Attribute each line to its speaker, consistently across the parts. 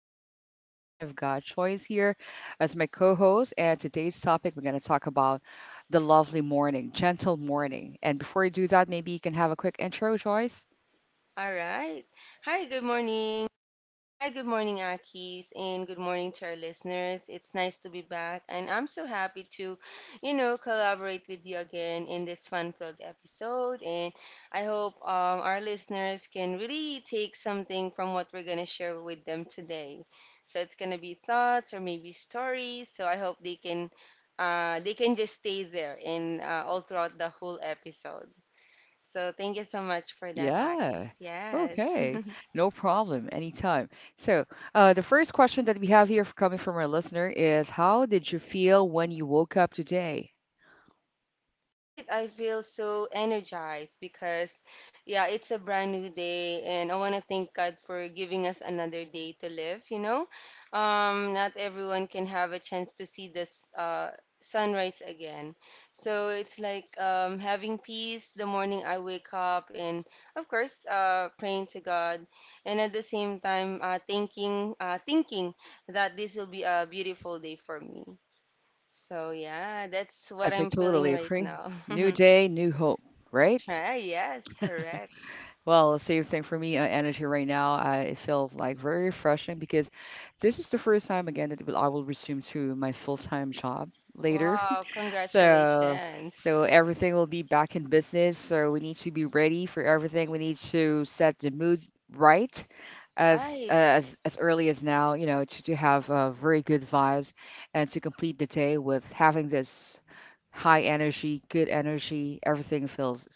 Speaker 1: My name is Akis, and I've got Choice here as my co-host. And today's topic, we're going to talk about the lovely morning, gentle morning. And before you do that, maybe you can have a quick intro, Choice.
Speaker 2: All right. Hi, good morning. Hi, good morning, Akis, and good morning to our listeners. It's nice to be back, and I'm so happy to collaborate with you again in this fun-filled episode. And I hope our listeners can really take something from what we're gonna share with them today. So it's gonna be thoughts or maybe stories. So I hope they can just stay there and all throughout the whole episode. So thank you so much for that,
Speaker 1: Yeah.
Speaker 2: Akis. Yes.
Speaker 1: Okay. No problem. Anytime. So, the first question that we have here coming from our listener is, how did you feel when you woke up today?
Speaker 2: Right, I feel so energized because, yeah, it's a brand new day, and I want to thank God for giving us another day to live, you know? Not everyone can have a chance to see this sunrise again. So it's like having peace the morning I wake up, and of course, praying to God, and at the same time, thinking that this will be a beautiful day for me. So yeah, that's what
Speaker 1: Yes, I
Speaker 2: I'm feeling
Speaker 1: totally
Speaker 2: right
Speaker 1: agree.
Speaker 2: now.
Speaker 1: New day, new hope, right?
Speaker 2: Try, yes, correct.
Speaker 1: Well, same thing for me. Energy right now, it feels like very refreshing because this is the first time again that I will resume to my full-time job later.
Speaker 2: Wow,
Speaker 1: So,
Speaker 2: congratulations.
Speaker 1: so everything will be back in business. So we need to be ready for everything. We need to set the mood right as
Speaker 2: Right,
Speaker 1: as early as now, you know, to have very good vibes and to complete the day with having this high energy, good energy. Everything feels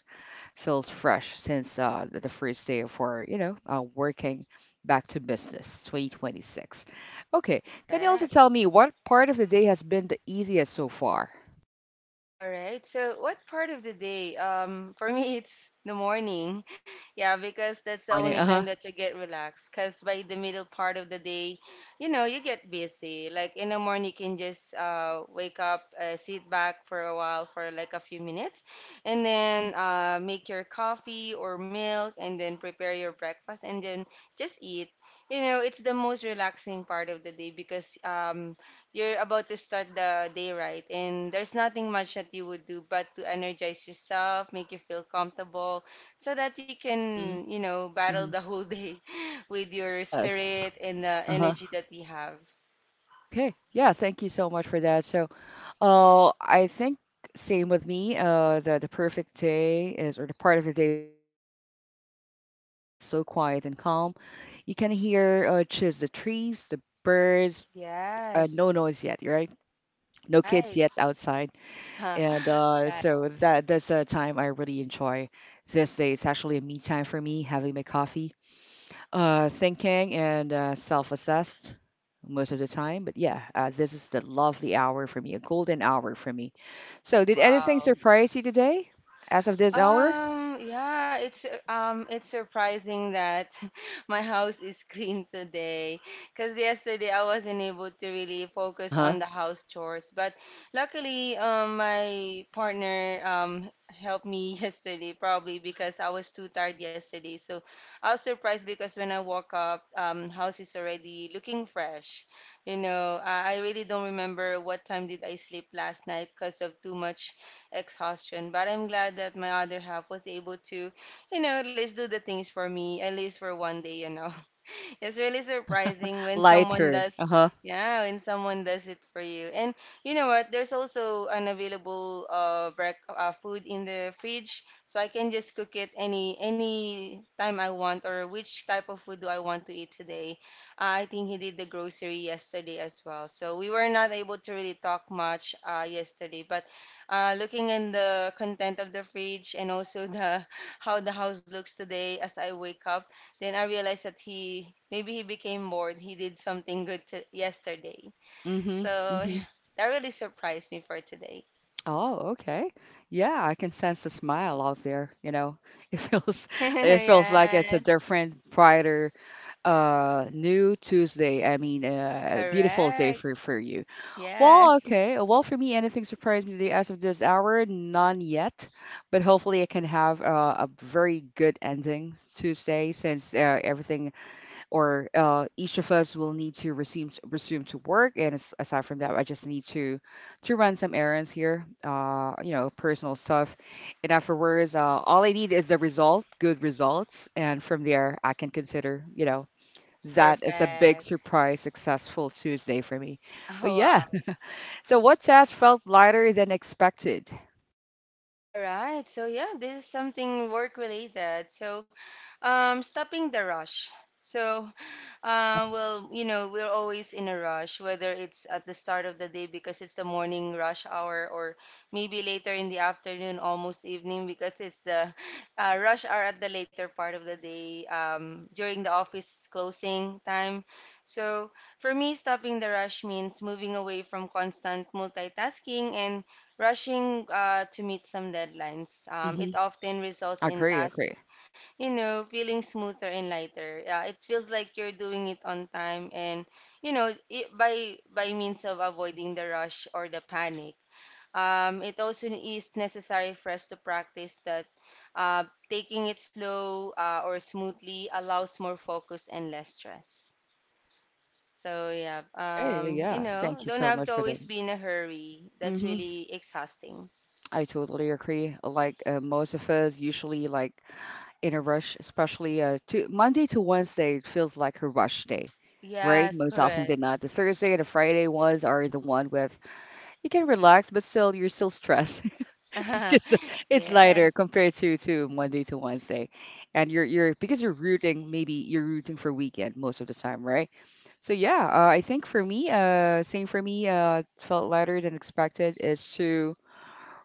Speaker 1: feels fresh since the first day of our, you know, working back to business 2026. Okay, can you also
Speaker 2: perfect.
Speaker 1: tell me what part of the day has been the easiest so far?
Speaker 2: All right. So, what part of the day? For me, it's the morning. Yeah, because that's
Speaker 1: Good
Speaker 2: the only
Speaker 1: morning.
Speaker 2: time
Speaker 1: Uh-huh.
Speaker 2: that you get relaxed. Cause by the middle part of the day, you get busy. Like in the morning, you can just wake up, sit back for a while for like a few minutes, and
Speaker 1: hmm
Speaker 2: then make your coffee or milk, and then prepare your breakfast, and then just eat. You know, it's the most relaxing part of the day because you're about to start the day right, and there's nothing much that you would do but to energize yourself, make you feel comfortable, so that you
Speaker 1: hmm
Speaker 2: can, battle
Speaker 1: hmm
Speaker 2: the whole day with your
Speaker 1: Yes.
Speaker 2: spirit and the
Speaker 1: Uh-huh.
Speaker 2: energy that you have.
Speaker 1: Okay. Yeah, thank you so much for that. So, I think same with me. The perfect day is, or the part of the day is almost the morning. Like everything is so quiet and calm. You can hear just the trees, the birds, no
Speaker 2: Yes,
Speaker 1: noise yet, right? No kids
Speaker 2: right.
Speaker 1: yet outside, and
Speaker 2: Right.
Speaker 1: so that's a time I really enjoy. This day, it's actually a me time for me, having my coffee, thinking and self-assessed most of the time. But yeah, this is the lovely hour for me, a golden hour for me. So, did anything
Speaker 2: Wow.
Speaker 1: surprise you today, as of this hour?
Speaker 2: Yeah, it's surprising that my house is clean today because yesterday I wasn't able to really
Speaker 1: Uh
Speaker 2: focus
Speaker 1: huh.
Speaker 2: on the house chores, but luckily my partner helped me yesterday probably because I was too tired yesterday. So I was surprised because when I woke up, house is already looking fresh. You know, I really don't remember what time did I sleep last night because of too much exhaustion. But I'm glad that my other half was able to, at least do the things for me, at least for one day. It's really surprising when someone
Speaker 1: Lighter. Uh
Speaker 2: does,
Speaker 1: huh.
Speaker 2: yeah, when someone does it for you. And you know what? There's also an available break, food in the fridge, so I can just cook it any time I want or which type of food do I want to eat today. I think he did the grocery yesterday as well. So we were not able to really talk much yesterday, but looking in the content of the fridge and also the how the house looks today as I wake up then I realized that he maybe he became bored. He did something good to, yesterday. So
Speaker 1: Mm-hmm.
Speaker 2: that really surprised me for today.
Speaker 1: Oh, okay. Yeah, I can sense a smile out there, you know. It feels it feels like it's a
Speaker 2: Yes,
Speaker 1: different, brighter, new Tuesday. I mean, beautiful day
Speaker 2: correct.
Speaker 1: for you. Well,
Speaker 2: Yes,
Speaker 1: okay. Well, for me, anything surprised me today as of this hour? None yet, but hopefully I can have a very good ending Tuesday since everything or each of us will need to resume to work. And as, aside from that, I just need to run some errands here, you know, personal stuff. And afterwards, all I need is the result, good results, and from there, I can consider, you know, that is a big
Speaker 2: perfect.
Speaker 1: surprise, successful Tuesday for me. But
Speaker 2: Oh,
Speaker 1: yeah,
Speaker 2: wow.
Speaker 1: so what task felt lighter than expected?
Speaker 2: All right. So yeah, this is something work related. So, stopping the rush. So
Speaker 1: Uh huh.
Speaker 2: well, we're always in a rush, whether it's at the start of the day because it's the morning rush hour, or maybe later in the afternoon, almost evening, because it's the rush hour at the later part of the day, during the office closing time. So for me, stopping the rush means moving away from constant multitasking and rushing to meet some deadlines. It
Speaker 1: Mm-hmm.
Speaker 2: often results in
Speaker 1: Agree. Agree.
Speaker 2: tasks, feeling smoother and lighter. Yeah, it feels like you're doing it on time and you know, it, by means of avoiding the rush or the panic. It also is necessary for us to practice that uh, taking it slow or smoothly allows more focus and less stress. So yeah,
Speaker 1: Okay. Yeah. Thank you
Speaker 2: don't
Speaker 1: so
Speaker 2: have
Speaker 1: much
Speaker 2: to
Speaker 1: for that.
Speaker 2: always be in a hurry. That's
Speaker 1: Mm-hmm.
Speaker 2: really exhausting.
Speaker 1: I totally agree. Like most of us, usually like in a rush, especially to Monday to Wednesday, it feels like a rush day, right?
Speaker 2: Yes,
Speaker 1: Most often
Speaker 2: correct.
Speaker 1: than not, the Thursday and the Friday ones are the one with you can relax, but still you're still stressed. It's just it's lighter
Speaker 2: Yes.
Speaker 1: compared to Monday to Wednesday, and you're because you're rooting, maybe you're rooting for weekend most of the time, right? So yeah, I think for me, same for me, felt lighter than expected is to.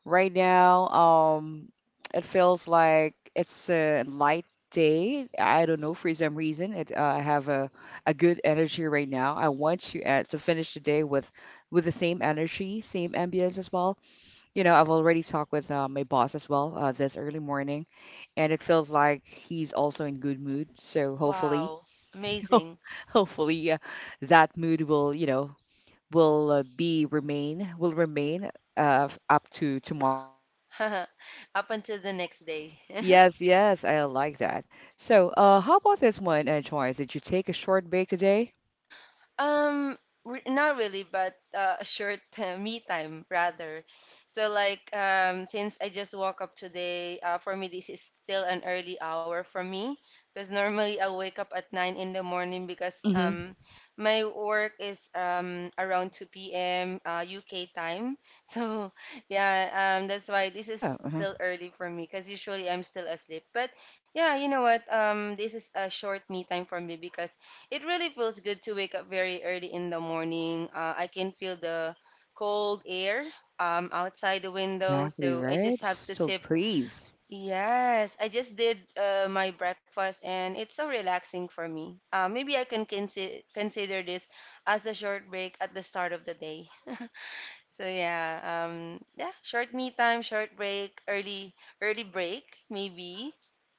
Speaker 1: Right now, it feels like it's a light day. I don't know, for some reason, I have a good energy right now. I want to finish the day with the same energy, same ambience as well. You know, I've already talked with my boss as well this early morning, and it feels like he's also in good mood. So hopefully,
Speaker 2: Wow. Amazing.
Speaker 1: hopefully, that mood will, you know, will remain up to tomorrow or the rest of the week.
Speaker 2: Up
Speaker 1: I will.
Speaker 2: until the
Speaker 1: I'll,
Speaker 2: next day.
Speaker 1: yes, yes, I like that. So, how about this one, Joyce? Did you take a short break today?
Speaker 2: Um, re not really, but a short me time rather. So like since I just woke up today, for me this is still an early hour for me because normally I wake up at 9 in the morning because
Speaker 1: hmm
Speaker 2: my work is around 2 p.m. UK time. So yeah, that's why this is
Speaker 1: Yeah, uh-huh.
Speaker 2: still early for me because usually I'm still asleep. But yeah, you know what? This is a short me time for me because it really feels good to wake up very early in the morning. I can feel the cold air outside the window,
Speaker 1: Exactly
Speaker 2: so I
Speaker 1: right.
Speaker 2: just have to
Speaker 1: Still
Speaker 2: sip.
Speaker 1: praise.
Speaker 2: Yes, I just did my breakfast, and it's so relaxing for me. Maybe I can consider this as a short break at the start of the day. So yeah, yeah, short me time, short break, early break maybe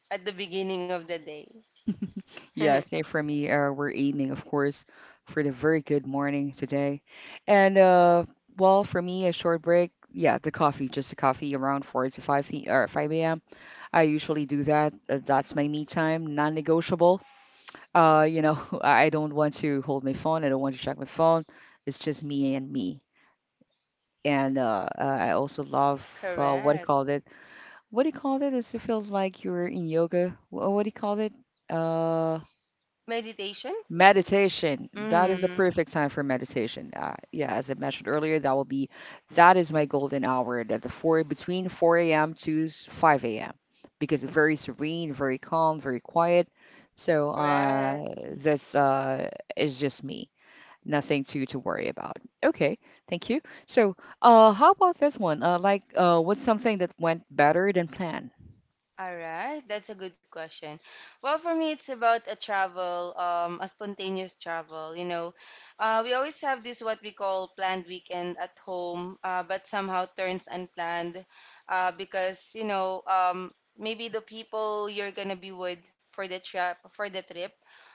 Speaker 2: at the beginning of the day.
Speaker 1: Yeah, same for me. We're aiming, of course, for the very good morning today. And well, for me, a short break. Yeah, the coffee, just a coffee around 4 to 5 p or 5 a.m. I usually do that. That's my me time, non-negotiable. You know, I don't want to hold my phone. I don't want to check my phone. It's just me and me. And I also love what do you
Speaker 2: Correct.
Speaker 1: call it? Is it feels like you're in yoga. What do you call it? Uh,
Speaker 2: Meditation?
Speaker 1: Meditation. That is a
Speaker 2: Mm,
Speaker 1: perfect time for meditation. Yeah, as I mentioned earlier, that will be that is my golden hour, that the four between 4 a.m. to 5 a.m., because it's very serene, very calm, very quiet. So uh,
Speaker 2: correct.
Speaker 1: this is just me. Nothing to worry about. Okay, thank you. So, how about this one? Like what's something that went better than planned?
Speaker 2: All right, that's a good question. Well, for me, it's about a travel, a spontaneous travel. We always have this what we call planned weekend at home, but somehow turns unplanned, because maybe the people you're gonna be with for the trip,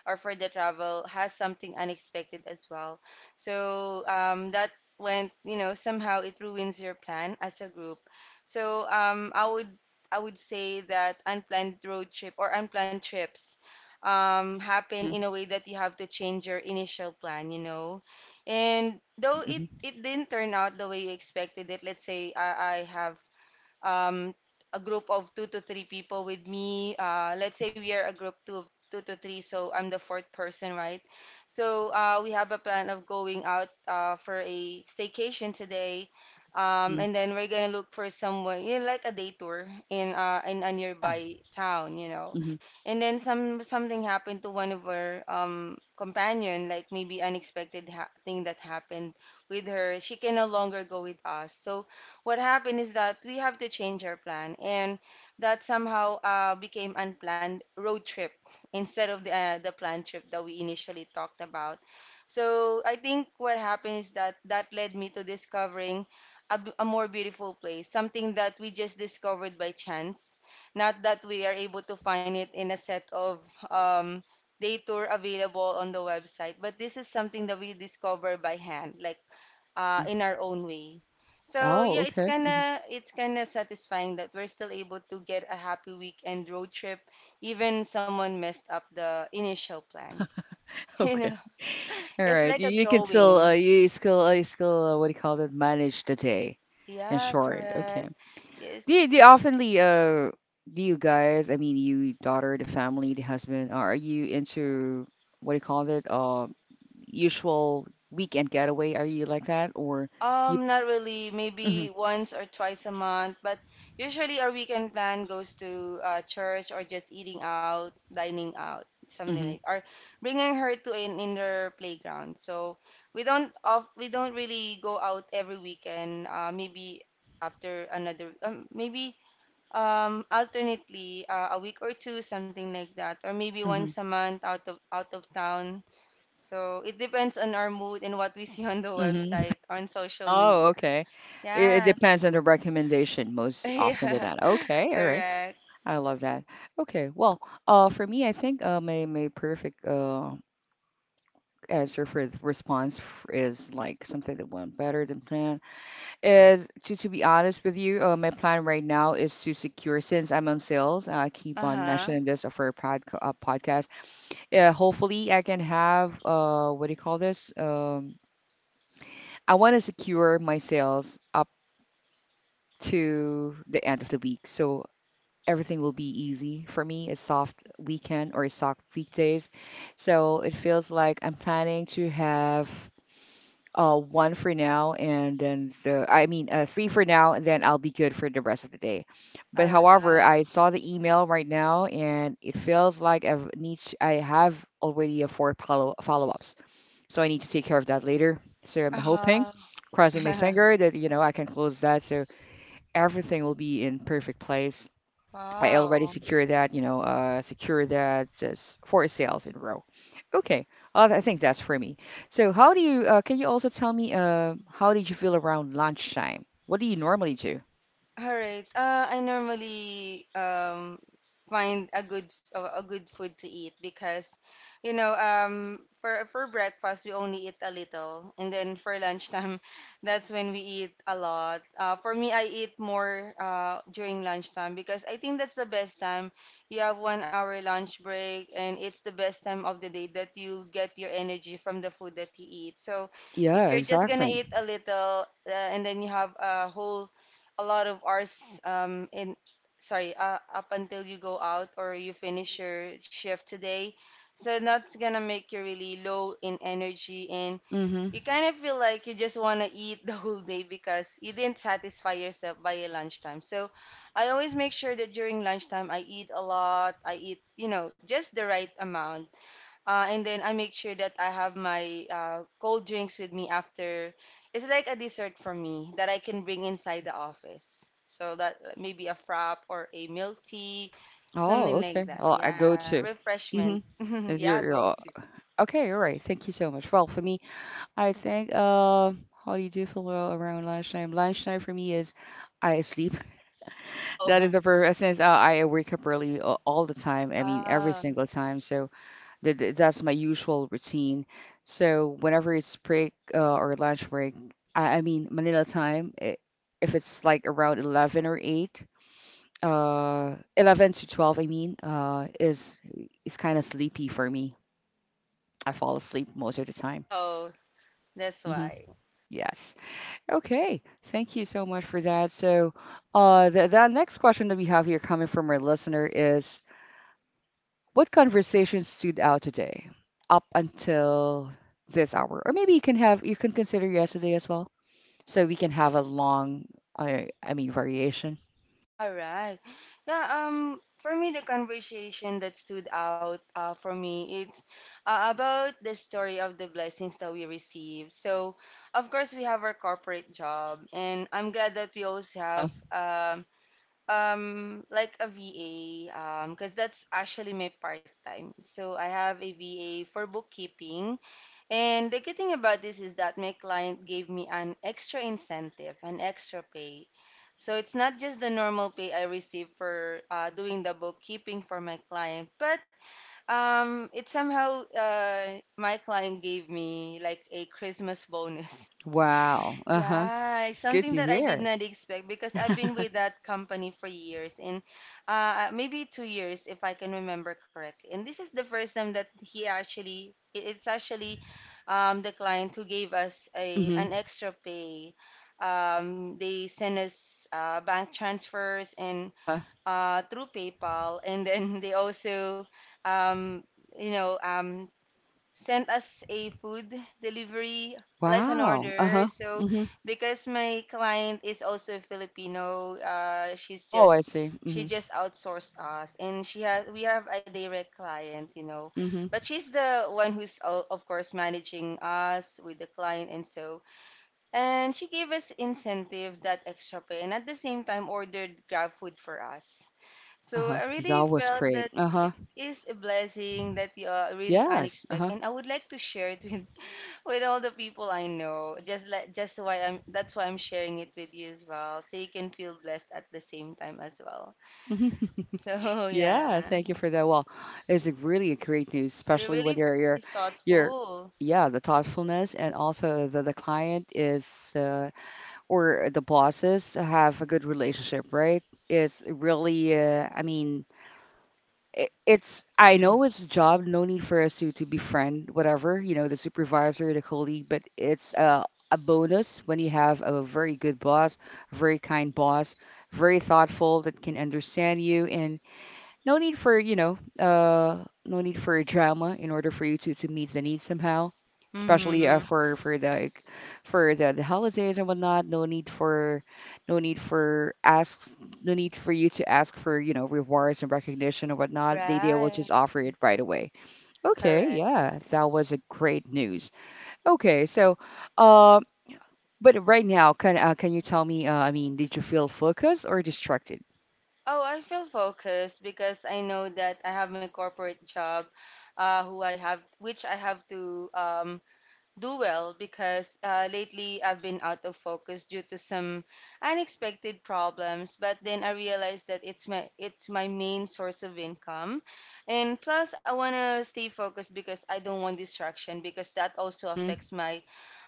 Speaker 2: or for the travel has something unexpected as well. So that went, somehow it ruins your plan as a group. So I would say that unplanned road trip or unplanned trips happen
Speaker 1: Mm-hmm.
Speaker 2: in a way that you have to change your initial plan. And
Speaker 1: Yeah.
Speaker 2: though it,
Speaker 1: Mm-hmm.
Speaker 2: it didn't turn out the way you expected it, let's say I have um, a group of two to three people with me. Let's say we are a group two of two to three, so I'm the fourth person, right? So we have a plan of going out for a staycation today,
Speaker 1: Mm-hmm.
Speaker 2: and then we're gonna look for someone, like a day tour in a
Speaker 1: Yeah.
Speaker 2: nearby town, you know.
Speaker 1: Mm-hmm.
Speaker 2: And then something happened to one of our companion, like maybe unexpected ha thing that happened with her. She can no longer go with us, so what happened is that we have to change our plan, and that somehow became unplanned road trip instead of the planned trip that we initially talked about. So I think what happened is that that led me to discovering a more beautiful place, something that we just discovered by chance, not that we are able to find it in a set of um, day tour available on the website, but this is something that we discover by hand, like
Speaker 1: Mm-hmm.
Speaker 2: in our own way. So
Speaker 1: Oh,
Speaker 2: yeah, it's
Speaker 1: okay. Mm-hmm.
Speaker 2: kinda it's kinda satisfying that we're still able to get a happy weekend road trip, even someone messed up the initial plan. You
Speaker 1: Okay.
Speaker 2: know,
Speaker 1: All
Speaker 2: it's
Speaker 1: right.
Speaker 2: like a
Speaker 1: You can still
Speaker 2: drawing.
Speaker 1: you still what do you call it? Manage the day in
Speaker 2: Yeah,
Speaker 1: short. Okay.
Speaker 2: correct.
Speaker 1: Do you
Speaker 2: Yes.
Speaker 1: oftenly do you guys? I mean, you daughter, the family, the husband. Are you into what do you call it? Usual weekend getaway. Are you like that or you?
Speaker 2: Not really.
Speaker 1: Mhm.
Speaker 2: Maybe once or twice a month, but usually our weekend plan goes to church or just eating out, dining out, something like,
Speaker 1: Mhm.
Speaker 2: or bringing her to an indoor playground. So we don't really go out every weekend. Maybe after another, maybe alternately a week or two, something like that, or maybe once
Speaker 1: Mhm.
Speaker 2: a month out of town, so it depends on our mood and what we see on the
Speaker 1: Mhm.
Speaker 2: website, on social
Speaker 1: Oh,
Speaker 2: media.
Speaker 1: okay. It
Speaker 2: Yes.
Speaker 1: depends on the recommendation most often than
Speaker 2: Yeah.
Speaker 1: not. Okay. All right.
Speaker 2: Correct.
Speaker 1: I love that. Okay, well, for me, I think my perfect answer for the response is like something that went better than planned. Is to be honest with you, my plan right now is to secure, since I'm on sales. I keep on
Speaker 2: Uh-huh.
Speaker 1: mentioning this for a podcast. Yeah, hopefully I can have what do you call this? I want to secure my sales up to the end of the week. So everything will be easy for me, a soft weekend or a soft weekdays, so it feels like I'm planning to have one for now, and then the I mean three for now, and then I'll be good for the rest of the day. But
Speaker 2: All
Speaker 1: however,
Speaker 2: right.
Speaker 1: I saw the email right now, and it feels like I have already a four follow-ups, so I need to take care of that later. So I'm hoping,
Speaker 2: Uh-huh.
Speaker 1: crossing my finger, that you know, I can close that, so everything will be in perfect place. I already
Speaker 2: Wow.
Speaker 1: secured that, you know, secure that just four sales in a row. Okay, I think that's for me. So, how do you? Can you also tell me, how did you feel around lunchtime? What do you normally do?
Speaker 2: All right. I normally find a good food to eat because for breakfast we only eat a little and then for lunchtime that's when we eat a lot. For me I eat more during lunchtime because I think that's the best time. You have 1 hour lunch break and it's the best time of the day that you get your energy from the food that you eat. So
Speaker 1: Yeah,
Speaker 2: if you're just gonna
Speaker 1: exactly.
Speaker 2: eat a little, and then you have a whole a lot of hours in sorry up until you go out or you finish your shift today, so that's gonna make you really low in energy. And
Speaker 1: Mm-hmm.
Speaker 2: you kind of feel like you just want to eat the whole day because you didn't satisfy yourself by your lunchtime. So I always make sure that during lunchtime I eat a lot, I eat, you know, just the right amount. And then I make sure that I have my cold drinks with me after. It's like a dessert for me that I can bring inside the office. So that maybe a frap or a milk tea,
Speaker 1: Oh,
Speaker 2: something
Speaker 1: okay.
Speaker 2: like that.
Speaker 1: Oh, I go
Speaker 2: Yeah,
Speaker 1: to.
Speaker 2: refreshment.
Speaker 1: Mm-hmm. Is
Speaker 2: Yeah,
Speaker 1: your
Speaker 2: go to.
Speaker 1: okay? All right. Thank you so much. Well, for me, I think. How do you do feel well around lunchtime? Lunchtime for me is I sleep. That is
Speaker 2: Oh,
Speaker 1: the first, since I wake up early all the time. I mean, every
Speaker 2: ah,
Speaker 1: single time. So that's my usual routine. So whenever it's break or lunch break, I mean Manila time, I if it's like around 11 or 8, 11 to 12, I mean, is kind of sleepy for me. I fall asleep most of the time.
Speaker 2: oh, that's
Speaker 1: hmm
Speaker 2: why.
Speaker 1: Yes. Okay. Thank you so much for that. So, the, next question that we have here coming from our listener is: what conversation stood out today up until this hour? Or maybe you can have you can consider yesterday as well, so we can have a long, I mean variation.
Speaker 2: All right. Yeah, for me, the conversation that stood out for me, it's about the story of the blessings that we receive. So, of course, we have our corporate job, and I'm glad that we also
Speaker 1: Uh huh.
Speaker 2: have like a VA, because that's actually my part time. So I have a VA for bookkeeping, and the good thing about this is that my client gave me an extra incentive, an extra pay. So it's not just the normal pay I receive for doing the bookkeeping for my client, but it somehow my client gave me like a Christmas bonus.
Speaker 1: Wow. Uh huh.
Speaker 2: Yeah, it's
Speaker 1: It's good
Speaker 2: something
Speaker 1: to
Speaker 2: that I did
Speaker 1: hear.
Speaker 2: not expect because I've been with that company for years, and maybe 2 years if I can remember correctly. And this is the first time that he actually, it's actually the client who gave us a an
Speaker 1: Mhm.
Speaker 2: extra pay. They sent us bank transfers and
Speaker 1: Uh huh.
Speaker 2: through PayPal, and then they also, um, you know, um, sent us a food delivery like an
Speaker 1: Wow. Uh
Speaker 2: order.
Speaker 1: huh.
Speaker 2: So
Speaker 1: Mhm.
Speaker 2: because my client is also Filipino,
Speaker 1: Oh, I see.
Speaker 2: she
Speaker 1: Mhm.
Speaker 2: just outsourced us, and she has we have a direct client, you know,
Speaker 1: Mhm.
Speaker 2: but she's the one who's of course managing us with the client and so. And she gave us incentive that extra pay, and at the same time ordered Grab food for us.
Speaker 1: Uh
Speaker 2: So
Speaker 1: huh.
Speaker 2: I really
Speaker 1: That was
Speaker 2: felt
Speaker 1: great.
Speaker 2: that
Speaker 1: Uh
Speaker 2: it
Speaker 1: huh.
Speaker 2: is a blessing that you are really
Speaker 1: Yes. Uh
Speaker 2: unexpected,
Speaker 1: huh.
Speaker 2: and I would like to share it with with all the people I know. Just like just why I'm that's why I'm sharing it with you as well, so you can feel blessed at the same time as well.
Speaker 1: Mhm.
Speaker 2: So
Speaker 1: Yeah,
Speaker 2: yeah,
Speaker 1: thank you for that. Well, it's a really a great news,
Speaker 2: it
Speaker 1: especially
Speaker 2: really
Speaker 1: when
Speaker 2: is
Speaker 1: you're
Speaker 2: thoughtful.
Speaker 1: yeah, the thoughtfulness and also the client is or the bosses have a good relationship, right? It's really it, it's I know it's a job. No need for us to befriend whatever, you know, the supervisor, the colleague, but it's a bonus when you have a very good boss, a very kind boss, very thoughtful, that can understand you and no need for no need for drama in order for you to meet the needs somehow, especially
Speaker 2: Mm-hmm.
Speaker 1: for the like, for the holidays and whatnot. No need for, no need for asks, no need for you to ask for rewards and recognition and whatnot. They will
Speaker 2: Right.
Speaker 1: just offer it right away. Okay,
Speaker 2: Correct.
Speaker 1: yeah, that was a great news. Okay, so uh, but right now, can you tell me, did you feel focused or distracted?
Speaker 2: Oh, I feel focused because I know that I have my corporate job, which I have to do well because lately I've been out of focus due to some unexpected problems. But then I realized that it's my main source of income, and plus I wanna stay focused because I don't want distraction because that also
Speaker 1: Mm-hmm.
Speaker 2: affects my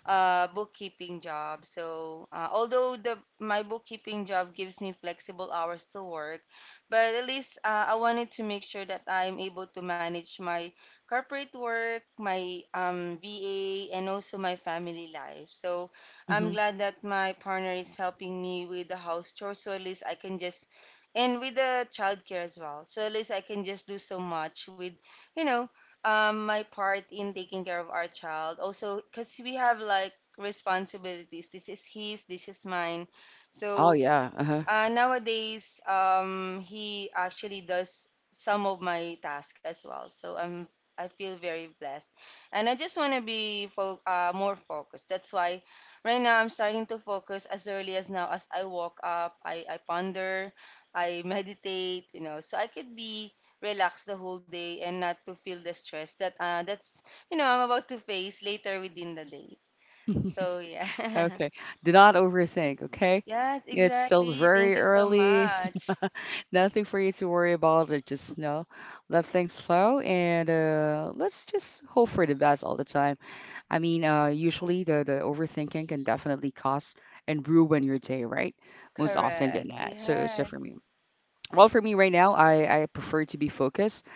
Speaker 2: bookkeeping job. So although the my bookkeeping job gives me flexible hours to work, but at least I wanted to make sure that I'm able to manage my corporate work, my VA, and also my family life. So I'm
Speaker 1: Mm-hmm.
Speaker 2: glad that my partner is helping me with the house chores. So at least I can just, and with the childcare as well. So at least I can just do so much with, you know, my part in taking care of our child. Also, because we have like responsibilities. This is his, this is mine.
Speaker 1: Oh
Speaker 2: So
Speaker 1: yeah. Uh-huh.
Speaker 2: nowadays, he actually does some of my tasks as well. So I'm I feel very blessed, and I just want to be fo more focused. That's why right now I'm starting to focus as early as now. As I walk up, I ponder, I meditate, you know, so I could be relaxed the whole day and not to feel the stress that that's you know I'm about to face later within the day. So yeah,
Speaker 1: Okay. Do not overthink, okay?
Speaker 2: yes,
Speaker 1: It's still
Speaker 2: exactly. Thank
Speaker 1: very
Speaker 2: you so
Speaker 1: early.
Speaker 2: much.
Speaker 1: Nothing for you to worry about. It just, you know, let things flow and let's just hope for the best all the time. Usually the overthinking can definitely cause and ruin your day, right? Most often
Speaker 2: Correct.
Speaker 1: than that. So for me.
Speaker 2: Yes.
Speaker 1: Well, for me right now, I prefer to be focused.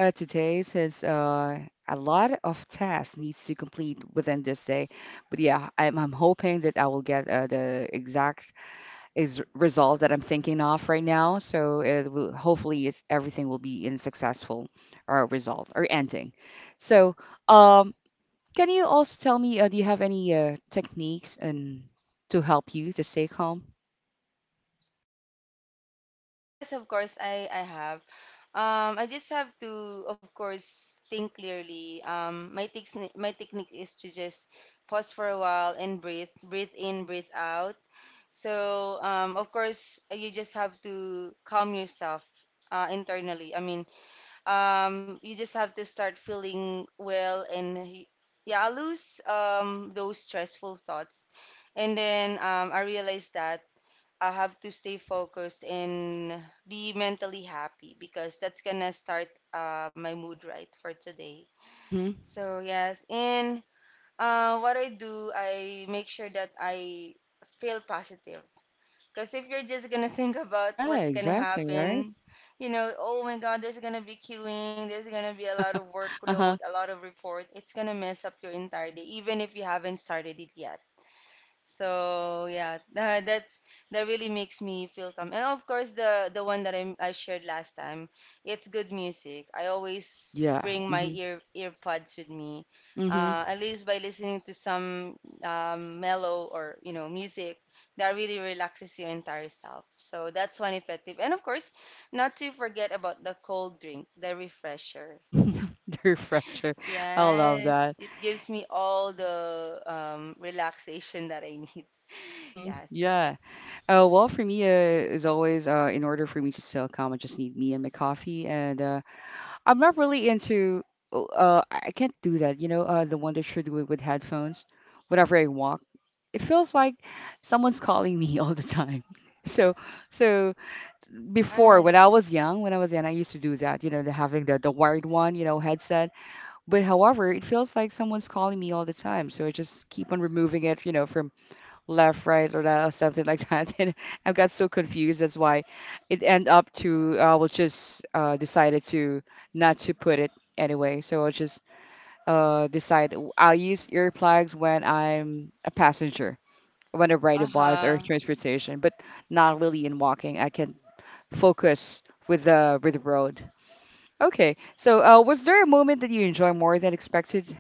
Speaker 1: Uh, today says a lot of tasks needs to complete within this day, but yeah, I'm hoping that I will get the exact is result that I'm thinking of right now. So it will, hopefully, it's everything will be in successful or result or ending. So um, can you also tell me, do you have any techniques and to help you to stay calm?
Speaker 2: Yes, of course I have. Um, I just have to of course think clearly. Um, my technique is to just pause for a while and breathe, breathe in, breathe out. So, um, of course you just have to calm yourself uh, internally. I mean, um, you just have to start feeling well and yeah, I lose um, those stressful thoughts. And then um, I realized that I have to stay focused and be mentally happy because that's gonna start my mood right for today.
Speaker 1: Mm-hmm.
Speaker 2: So yes, and what I do, I make sure that I feel positive. Because if you're just gonna think about
Speaker 1: Yeah,
Speaker 2: what's gonna
Speaker 1: exactly, right?
Speaker 2: happen, you know, oh my God, there's gonna be queuing, there's gonna be a lot of workload,
Speaker 1: Uh-huh.
Speaker 2: a lot of report. It's gonna mess up your entire day, even if you haven't started it yet. So yeah, that really makes me feel calm. And of course, the one that I shared last time, it's good music. I always
Speaker 1: Yeah.
Speaker 2: bring my earpods with me.
Speaker 1: Mm-hmm.
Speaker 2: At least by listening to some mellow or you know music that really relaxes your entire self. So that's one effective. And of course, not to forget about the cold drink, the refresher.
Speaker 1: The refresher. I love
Speaker 2: Yes,
Speaker 1: that.
Speaker 2: it gives me all the relaxation that I need.
Speaker 1: Mm-hmm.
Speaker 2: Yes.
Speaker 1: Yeah. Well, for me, as always, in order for me to stay calm, I just need me and my coffee. And I'm not really into, oh, I can't do that, you know, the one that you're doing with headphones. Whenever I walk, it feels like someone's calling me all the time. So, so before,
Speaker 2: Right.
Speaker 1: when I was young, I used to do that, you know, the having the wired one, you know, headset. But however, it feels like someone's calling me all the time. So I just keep on removing it, you know, from left, right, or left, something like that. And I got so confused. That's why it end up to I will just decided to not to put it anyway. So I'll just decide I'll use earplugs when I'm a passenger, when I ride a bus or
Speaker 2: Uh-huh.
Speaker 1: transportation, but not really in walking. I can focus with the road. Okay. So was there a moment that you enjoy more than expected?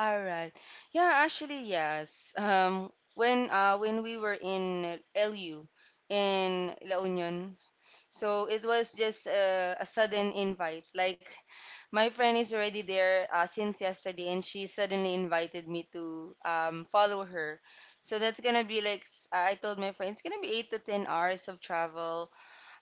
Speaker 2: All right. Yeah, actually, yes. When when we were in LU, in La Union. So it was just a sudden invite. Like my friend is already there since yesterday, and she suddenly invited me to follow her. So that's gonna be I told my friend it's gonna be 8 to 10 hours of travel.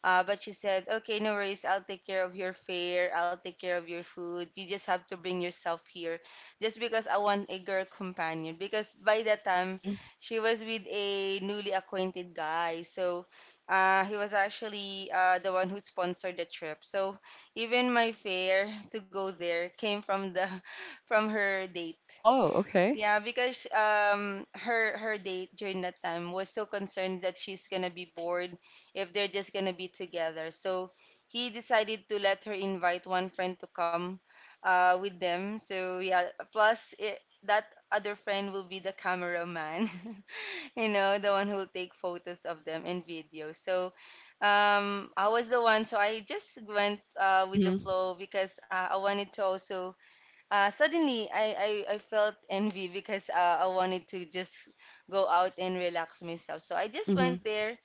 Speaker 2: But she said, okay, no worries. I'll take care of your fare. I'll take care of your food. You just have to bring yourself here. Just because I want a girl companion. Because by that time, she was with a newly acquainted guy. So he was actually the one who sponsored the trip. So even my fare to go there came from the from her date.
Speaker 1: Oh, okay.
Speaker 2: Yeah, because um, her date during that time was so concerned that she's gonna be bored if they're just gonna be together. So he decided to let her invite one friend to come uh, with them. So yeah, plus it, that other friend will be the cameraman, you know, the one who'll take photos of them and videos. So um, I was the one, so I just went uh, with the
Speaker 1: Mhm,
Speaker 2: flow because I wanted to also, suddenly I felt envy because I wanted to just go out and relax myself. So I just
Speaker 1: mhm.
Speaker 2: went there,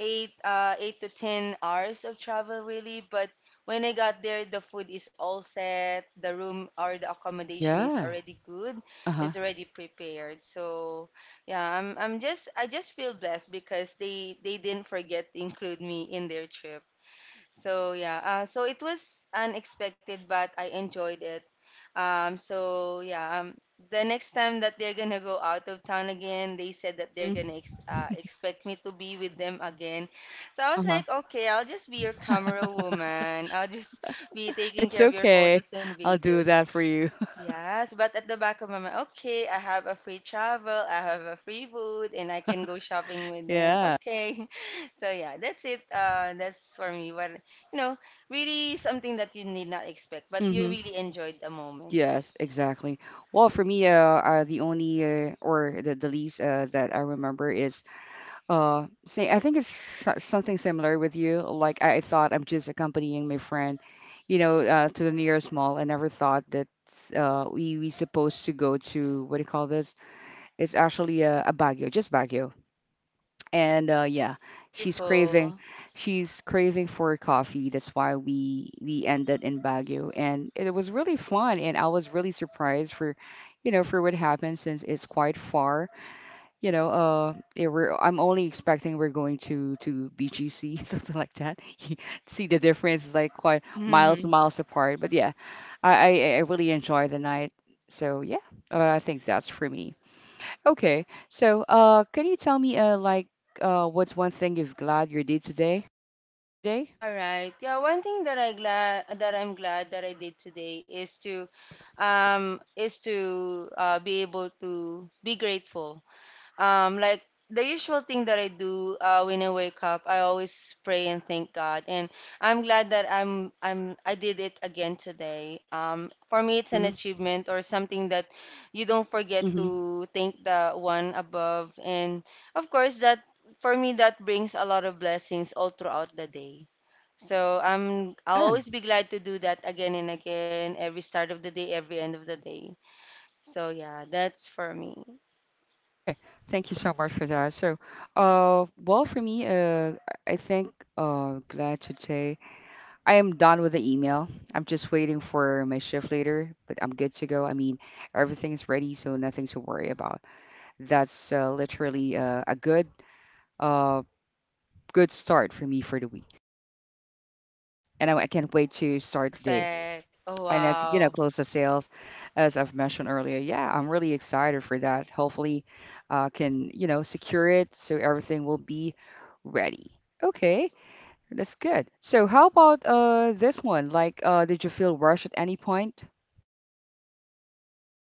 Speaker 2: 8 to 10 hours of travel really. But when I got there, the food is all set, the room or the accommodation is
Speaker 1: Yeah.
Speaker 2: already good,
Speaker 1: Uh-huh.
Speaker 2: is already prepared. So yeah, I'm just I just feel blessed because they didn't forget to include me in their trip. So yeah, so it was unexpected, but I enjoyed it, um, so yeah, um, the next time that they're gonna go out of town again, they said that they're
Speaker 1: Mhm.
Speaker 2: gonna ex expect me to be with them again. So I was
Speaker 1: Uh-huh.
Speaker 2: like, okay, I'll just be your camera woman. I'll just be taking
Speaker 1: It's
Speaker 2: care of your
Speaker 1: okay.
Speaker 2: photos and
Speaker 1: I'll do
Speaker 2: videos.
Speaker 1: that for you.
Speaker 2: Yes, but at the back of my mind, okay, I have a free travel, I have a free food, and I can go shopping with them.
Speaker 1: Yeah.
Speaker 2: Okay, so yeah, that's it. That's for me. What You know, really something that you need not expect, but you
Speaker 1: Mhm.
Speaker 2: really enjoyed the moment.
Speaker 1: Yes, exactly. Well, for me, the only or the least that I remember is say I think it's something similar with you. Like I thought I'm just accompanying my friend, you know, to the nearest mall. I never thought that we supposed to go to, what do you call this? It's actually a Baguio, just Baguio, and yeah, she's craving,
Speaker 2: Beautiful.
Speaker 1: she's craving for coffee. That's why we ended in Baguio, and it was really fun. And I was really surprised for, you know, for what happened since it's quite far. You know, I'm only expecting we're going to BGC something like that. See the
Speaker 2: Uh,
Speaker 1: difference is like quite miles and
Speaker 2: hmm.
Speaker 1: miles apart. But yeah, I really enjoyed the night. So yeah, I think that's for me. Okay. So, can you tell me, what's one thing you're glad you did today? Yesterday?
Speaker 2: All right. Yeah, one thing that I glad that I'm glad that I did today is to be able to be grateful. Like the usual thing that I do when I wake up, I always pray and thank God, and I'm glad that I did it again today. For me, it's an
Speaker 1: Mm-hmm.
Speaker 2: achievement or something that you don't forget
Speaker 1: Mm-hmm.
Speaker 2: to thank the one above, and of course that for me that brings a lot of blessings all throughout the day. So I'll
Speaker 1: Yeah.
Speaker 2: always be glad to do that again and again, every start of the day, every end of the day. So yeah, that's for me.
Speaker 1: Okay. Thank you so much for that. So, well, for me, I think, glad to say I am done with the email. I'm just waiting for my shift later, but I'm good to go. I mean, everything's ready, so nothing to worry about. That's literally a good, uh, good start for me for the week, and I can't wait to start the day
Speaker 2: Perfect. Oh,
Speaker 1: and you know
Speaker 2: wow.
Speaker 1: close the sales as I've mentioned earlier. Yeah, I'm really excited for that. Hopefully, can you know secure it so everything will be ready. Okay, that's good. So how about this one? Like, did you feel rushed at any point?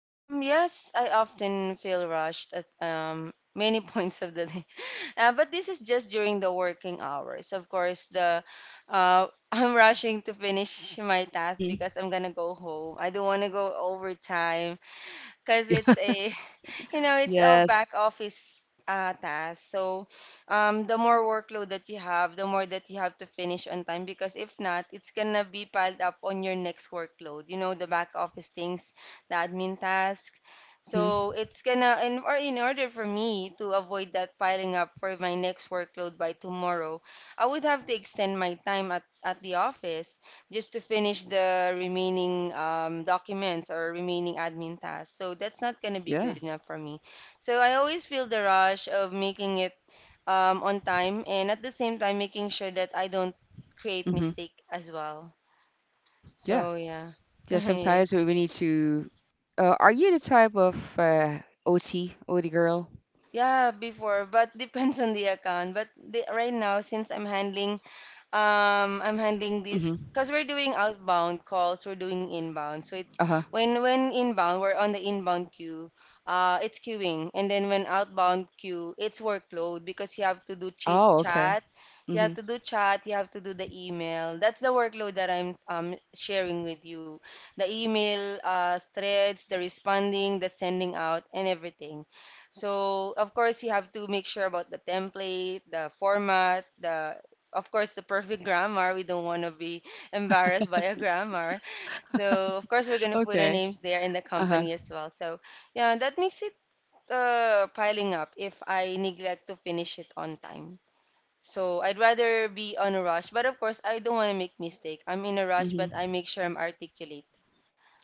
Speaker 2: Yes, I often feel rushed at um, many points of the day. But this is just during the working hours. Of course, the uh, I'm rushing to finish my task
Speaker 1: Mm-hmm.
Speaker 2: because I'm gonna go home. I don't want to go overtime because
Speaker 1: Yeah.
Speaker 2: it's a it's a
Speaker 1: Yes.
Speaker 2: back office task. So, the more workload that you have, the more that you have to finish on time because if not, it's gonna be piled up on your next workload. You know, the back office things, the admin task.
Speaker 1: Mm-hmm.
Speaker 2: So it's gonna in order for me to avoid that piling up for my next workload by tomorrow, I would have
Speaker 1: Hmm.
Speaker 2: to extend my time at the office just to finish the remaining documents or remaining admin tasks. So that's not going to be good
Speaker 1: Yeah.
Speaker 2: enough for me. So I always feel the rush of making it on time, and at the same time making sure that I don't create
Speaker 1: Mm-hmm.
Speaker 2: mistake as well.
Speaker 1: Hmm. Yeah.
Speaker 2: So yeah.
Speaker 1: Yeah. Sometimes we
Speaker 2: Yes.
Speaker 1: we need to. Are you the type of OT OT girl?
Speaker 2: Yeah, before, but depends on the account. But right now, since I'm handling I'm handling this
Speaker 1: Mm-hmm.
Speaker 2: because we're doing outbound calls, we're doing inbound. So it's
Speaker 1: Uh-huh.
Speaker 2: when inbound, we're on the inbound queue, it's queuing. And then when outbound queue, it's workload because you have to do chit
Speaker 1: Oh, okay.
Speaker 2: chat, you
Speaker 1: Mm-hmm.
Speaker 2: have to do chat, you have to do the email. That's the workload that I'm sharing with you. The email threads, the responding, the sending out and everything. So, of course, you have to make sure about the template, the format, the of course, the perfect grammar. We don't want to be embarrassed by a grammar. So, of course, we're going to put our
Speaker 1: Okay.
Speaker 2: names there in the
Speaker 1: Uh-huh.
Speaker 2: company as well. So, yeah, that makes it piling up if I neglect to finish it on time. So, I'd rather be on a rush. But, of course, I don't want to make mistake. I'm in a rush,
Speaker 1: Hmm.
Speaker 2: but I make sure I'm articulate.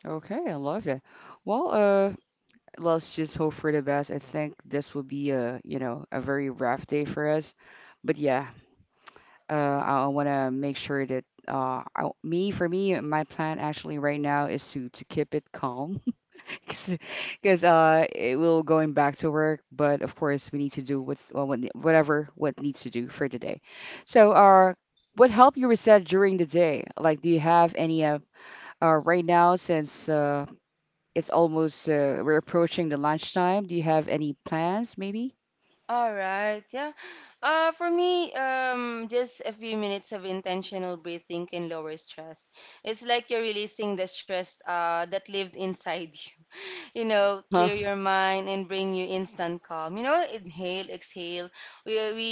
Speaker 1: Okay, I love that. Well, let's just hope for the best. I think this will be a, you know, a very rough day for us. But yeah, I want to make sure that for me, my plan actually right now is to keep it calm because it will going back to work. But of course, we need to do what's well, what, whatever what needs to do for today. So, what helped you reset during the day? Like, do you have any right now since it's almost, we're approaching the lunchtime. Do you have any plans, maybe?
Speaker 2: All right, yeah. For me, just a few minutes of intentional breathing can lower stress. It's like you're releasing the stress that lived inside you. You know,
Speaker 1: Uh-huh.
Speaker 2: clear your mind and bring you instant calm. You know, inhale, exhale. We we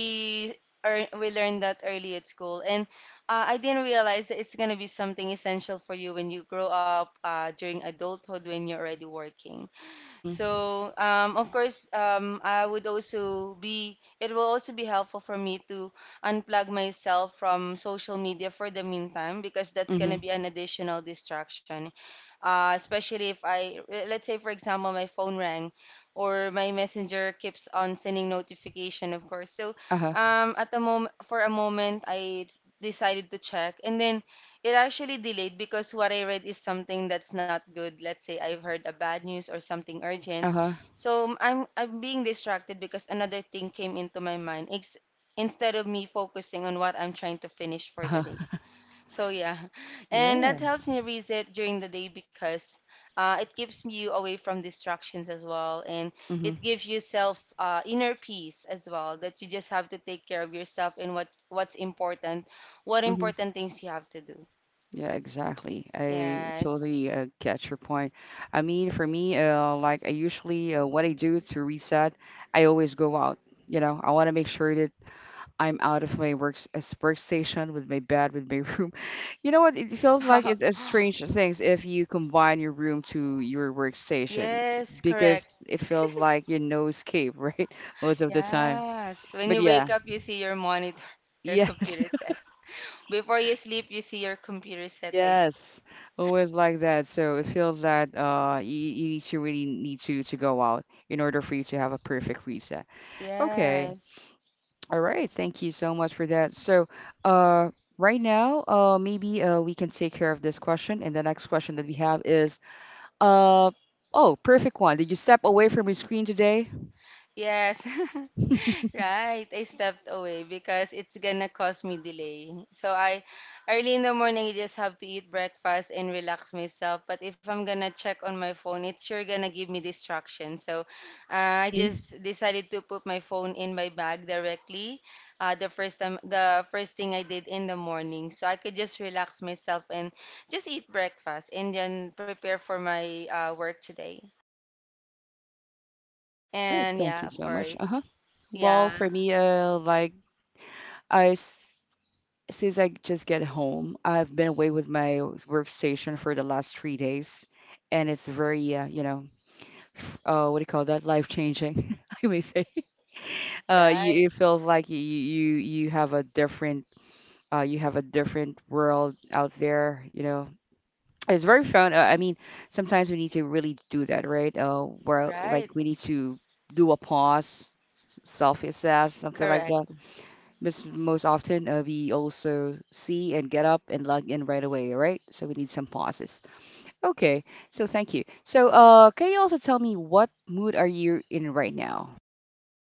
Speaker 2: we learned that early at school, and I didn't realize that it's gonna be something essential for you when you grow up, during adulthood, when you're already working.
Speaker 1: Mm-hmm.
Speaker 2: So, of course, I would also be, it will also be helpful for me to unplug myself from social media for the meantime because that's going to
Speaker 1: Mm-hmm.
Speaker 2: be an additional distraction. Especially if let's say, for example, my phone rang or my messenger keeps on sending notification, of course. So,
Speaker 1: Uh-huh.
Speaker 2: at the moment, for a moment, I decided to check, and then it actually delayed because what I read is something that's not good. Let's say I've heard a bad news or something urgent.
Speaker 1: Uh-huh.
Speaker 2: So I'm being distracted because another thing came into my mind ex instead of me focusing on what I'm trying to finish for the
Speaker 1: Uh-huh.
Speaker 2: day. So yeah. And
Speaker 1: Yeah.
Speaker 2: that helps me reset during the day because it keeps you away from distractions as well, and
Speaker 1: Mm-hmm.
Speaker 2: it gives you self inner peace as well, that you just have to take care of yourself and what's important, what
Speaker 1: Mm-hmm.
Speaker 2: important things you have to do.
Speaker 1: Yeah, exactly. I
Speaker 2: Yes.
Speaker 1: totally get your point. I mean, for me, I usually, what I do to reset, I always go out. You know, I want to make sure I'm out of my works as workstation with my bed with my room. You know what? It feels like it's a strange things if you combine your room to your workstation
Speaker 2: Yes, correct.
Speaker 1: because it feels like you no escape, right? Most of the time.
Speaker 2: Yes. When
Speaker 1: But
Speaker 2: you
Speaker 1: yeah,
Speaker 2: wake up, you see your monitor, your
Speaker 1: yes,
Speaker 2: computer set. Before you sleep, you see your computer set again.
Speaker 1: yes, always like that. So it feels that you need to really need to go out in order for you to have a perfect reset. Okay.
Speaker 2: Yes.
Speaker 1: All right, thank you so much for that. So, uh, right now, maybe we can take care of this question. And the next question that we have is, uh, oh, perfect one. Did you step away from your screen today?
Speaker 2: Yes. Right, I stepped away because it's gonna cause me delay. So I early in the morning, I just have to eat breakfast and relax myself. But if I'm gonna check on my phone, it's sure gonna give me distraction. So I
Speaker 1: Hmm.
Speaker 2: just decided to put my phone in my bag directly. The first time, the first thing I did in the morning, so I could just relax myself and just eat breakfast and then prepare for my work today.
Speaker 1: All right,
Speaker 2: And
Speaker 1: thank
Speaker 2: yeah,
Speaker 1: you
Speaker 2: of
Speaker 1: so much.
Speaker 2: course,
Speaker 1: Uh-huh. Well,
Speaker 2: yeah,
Speaker 1: for me, I s- since I just get home, I've been away with my workstation for the last three days, and it's very, you know, what do you call that? Life changing, I may say.
Speaker 2: right,
Speaker 1: It feels like you have a different you have a different world out there, you know. It's very fun. Sometimes we need to really do that, right? Where
Speaker 2: right.
Speaker 1: like we need to do a pause, self-assess, something like that.
Speaker 2: Correct.
Speaker 1: Most most often, we also see and get up and log in right away, right? So we need some pauses. Okay, so thank you. So, can you also tell me what mood are you in right now?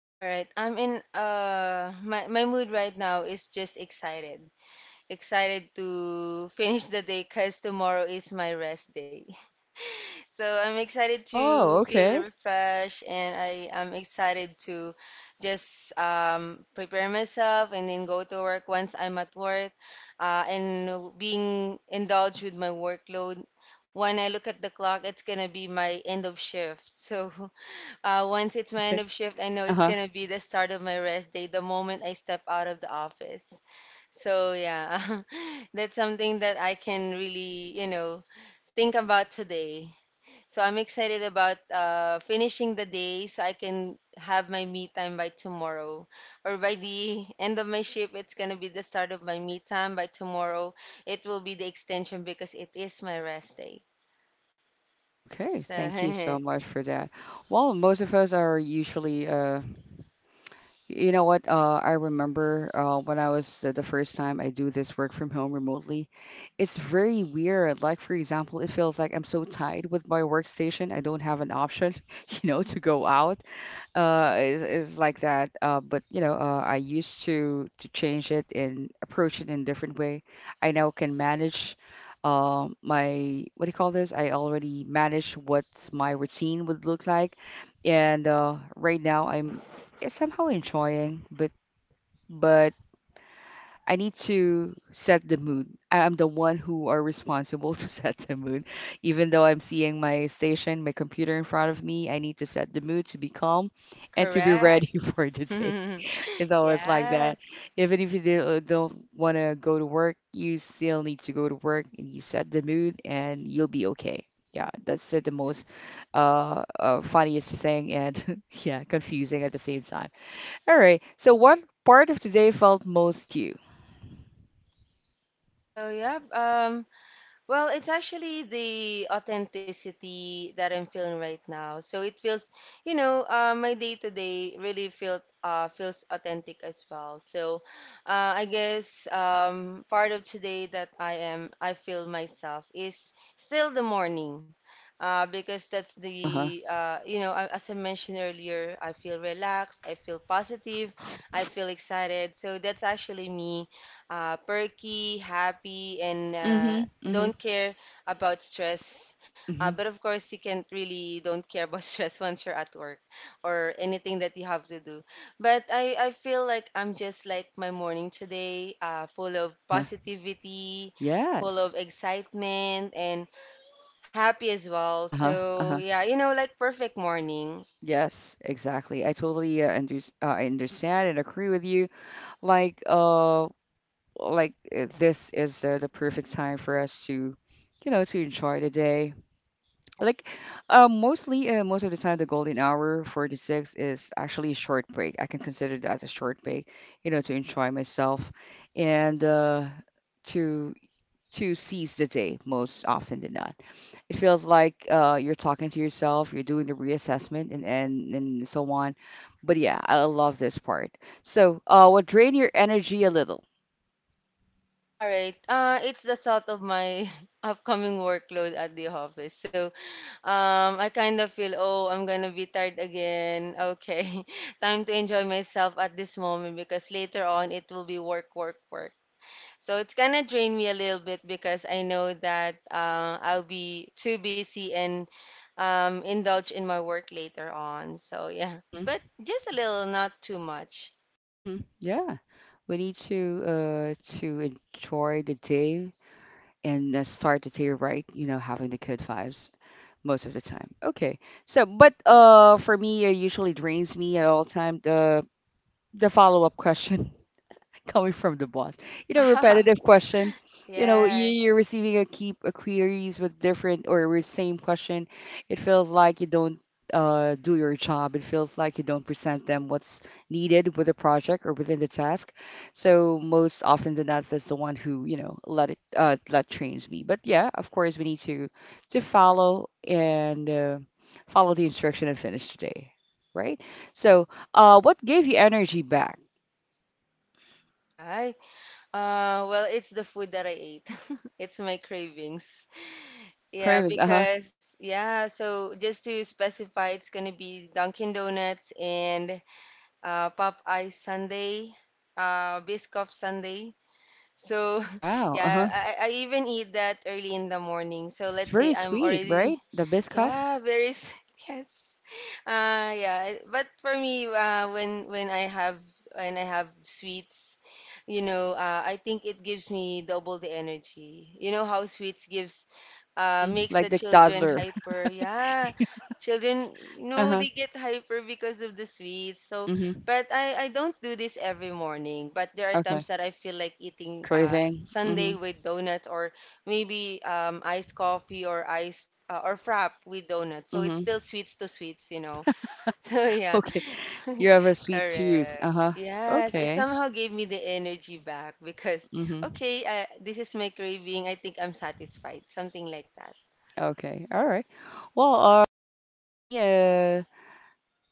Speaker 2: All right. I'm in my my mood right now is just excited. Excited to finish the day cuz tomorrow is my rest day. So I'm excited to
Speaker 1: Oh,
Speaker 2: feel
Speaker 1: okay.
Speaker 2: refreshed, and I am excited to just prepare myself and then go to work once I'm at work and being indulged with my workload. When I look at the clock, it's going to be my end of shift. So uh, once it's my end
Speaker 1: Okay.
Speaker 2: of shift, I know
Speaker 1: Uh
Speaker 2: it's
Speaker 1: huh.
Speaker 2: gonna be the start of my rest day the moment I step out of the office. So yeah, that's something that I can really, you know, think about today. So I'm excited about finishing the day so I can have my me time by tomorrow. Or by the end of my shift, it's gonna be the start of my me time. By tomorrow, it will be the extension because it is my rest day.
Speaker 1: Okay,
Speaker 2: So
Speaker 1: thank you so much for that. Well, most of us are usually, you know what? I remember when I was the first time I do this work from home remotely, it's very weird. Like, for example, it feels like I'm so tied with my workstation, I don't have an option you know, to go out. Uh, is like that, but you know I used to change it and approach it in a different way. I now can manage my what do you call this, I already manage what my routine would look like. And right now I'm, yeah, somehow enjoying, but I need to set the mood. I'm the one who are responsible to set the mood. Even though I'm seeing my station, my computer in front of me, I need to set the mood to be calm and to be
Speaker 2: correct.
Speaker 1: ready for the day. It's always like that.
Speaker 2: Yes.
Speaker 1: Even if you don't want to go to work, you still need to go to work and you set the mood and you'll be okay. Yeah, that's the most funniest thing and yeah, confusing at the same time. All right. So what part of today felt most you?
Speaker 2: So yeah, well, it's actually the authenticity that I'm feeling right now. So it feels, you know, my day to day really felt feels authentic as well. So I guess part of today that I feel myself is still the morning. Because that's the, you know, as I mentioned earlier, I feel relaxed, I feel positive, I feel excited. So that's actually me perky, happy, and
Speaker 1: Mhm, mhm,
Speaker 2: don't care about stress.
Speaker 1: mhm.
Speaker 2: But of course, you can't really don't care about stress once you're at work or anything that you have to do. But I feel like I'm just like my morning today, full of
Speaker 1: Uh-huh.
Speaker 2: positivity, full of
Speaker 1: Yes.
Speaker 2: excitement, and happy as well.
Speaker 1: Uh-huh.
Speaker 2: So,
Speaker 1: Uh-huh.
Speaker 2: yeah, you know, like perfect morning.
Speaker 1: Yes, exactly. I understand and agree with you. Like uh this is the perfect time for us to you know to enjoy the day. Like most of the time the golden hour 46 is actually a short break. I can consider that a short break, you know, to enjoy myself and to to seize the day most often than not. It feels like you're talking to yourself, you're doing the reassessment, and so on. But yeah, I love this part. So, what drain your energy a little?
Speaker 2: All right. It's the thought of my upcoming workload at the office. So, I kind of feel, oh, I'm gonna be tired again. Okay, time to enjoy myself at this moment because later on it will be work, work, work. So it's gonna drain me a little bit because I know that I'll be too busy and indulge in my work later on. So yeah,
Speaker 1: hmm
Speaker 2: but just a little, not too much.
Speaker 1: Yeah, we need to enjoy the day and start the day right. You know, having the good vibes most of the time. Okay. So, but for me, it usually drains me at all time. The follow-up question. Coming from the boss. You know, repetitive question. You know, you're
Speaker 2: Yes.
Speaker 1: receiving a keep a queries with different or with same question. It feels like you don't do your job. It feels like you don't present them what's needed with the project or within the task. So most often than not, that's the one who you know let it let trains me. But yeah, of course, we need to follow and follow the instruction and finish today, right? So, what gave you energy back?
Speaker 2: All right. Well, it's the food that I ate. It's my cravings.
Speaker 1: So,
Speaker 2: Yeah,
Speaker 1: cravings. Uh huh.
Speaker 2: because yeah, so just to specify, it's gonna be Dunkin' Donuts and Popeye Sunday, Biscoff Sunday. So
Speaker 1: Wow, uh-huh.
Speaker 2: yeah, I even eat that early in the morning. So
Speaker 1: It's
Speaker 2: let's say
Speaker 1: very
Speaker 2: I'm
Speaker 1: sweet,
Speaker 2: already
Speaker 1: right? The Biscoff?
Speaker 2: yeah, very yes. Yeah, but for me, when I have when I have sweets, you know, I think it gives me double the energy. You know how sweets gives
Speaker 1: Mm-hmm.
Speaker 2: makes
Speaker 1: Like
Speaker 2: the
Speaker 1: the
Speaker 2: children
Speaker 1: toddler.
Speaker 2: hyper. Yeah, children, you know,
Speaker 1: Uh-huh.
Speaker 2: they get hyper because of the sweets. So,
Speaker 1: Mm-hmm.
Speaker 2: but I don't do this every morning. But there are
Speaker 1: Okay.
Speaker 2: times that I feel like eating
Speaker 1: Craving.
Speaker 2: sundae
Speaker 1: Mm-hmm.
Speaker 2: with donuts or maybe iced coffee or iced or frap with donuts. So it's
Speaker 1: Mm-hmm.
Speaker 2: still sweets to sweets, you know. So yeah,
Speaker 1: Okay. You have a sweet tooth.
Speaker 2: correct.
Speaker 1: Uh-huh.
Speaker 2: Yes, it
Speaker 1: Okay.
Speaker 2: somehow gave me the energy back because
Speaker 1: Mm-hmm.
Speaker 2: okay, this is my craving. I think I'm satisfied. Something like that.
Speaker 1: Okay. All right. Well, me,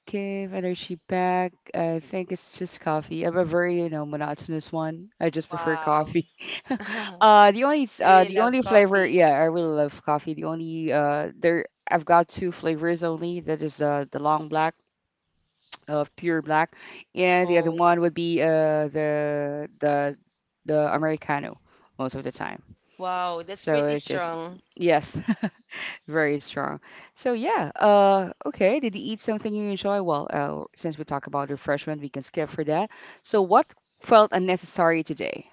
Speaker 1: give energy back. I think it's just coffee. I'm a very, you know, monotonous one. I just prefer
Speaker 2: Wow.
Speaker 1: coffee. The only
Speaker 2: You really
Speaker 1: the
Speaker 2: love
Speaker 1: only flavor,
Speaker 2: coffee?
Speaker 1: yeah, I really love coffee. The only there I've got two flavors only. That is the long black, pure black, and the other
Speaker 2: Oh,
Speaker 1: one would be the the Americano most of the time.
Speaker 2: wow, that's
Speaker 1: So
Speaker 2: pretty
Speaker 1: it's just
Speaker 2: strong.
Speaker 1: yes, very strong. So yeah, okay, did you eat something you enjoy? Well, since we talk about refreshment, we can skip for that. So what felt unnecessary today?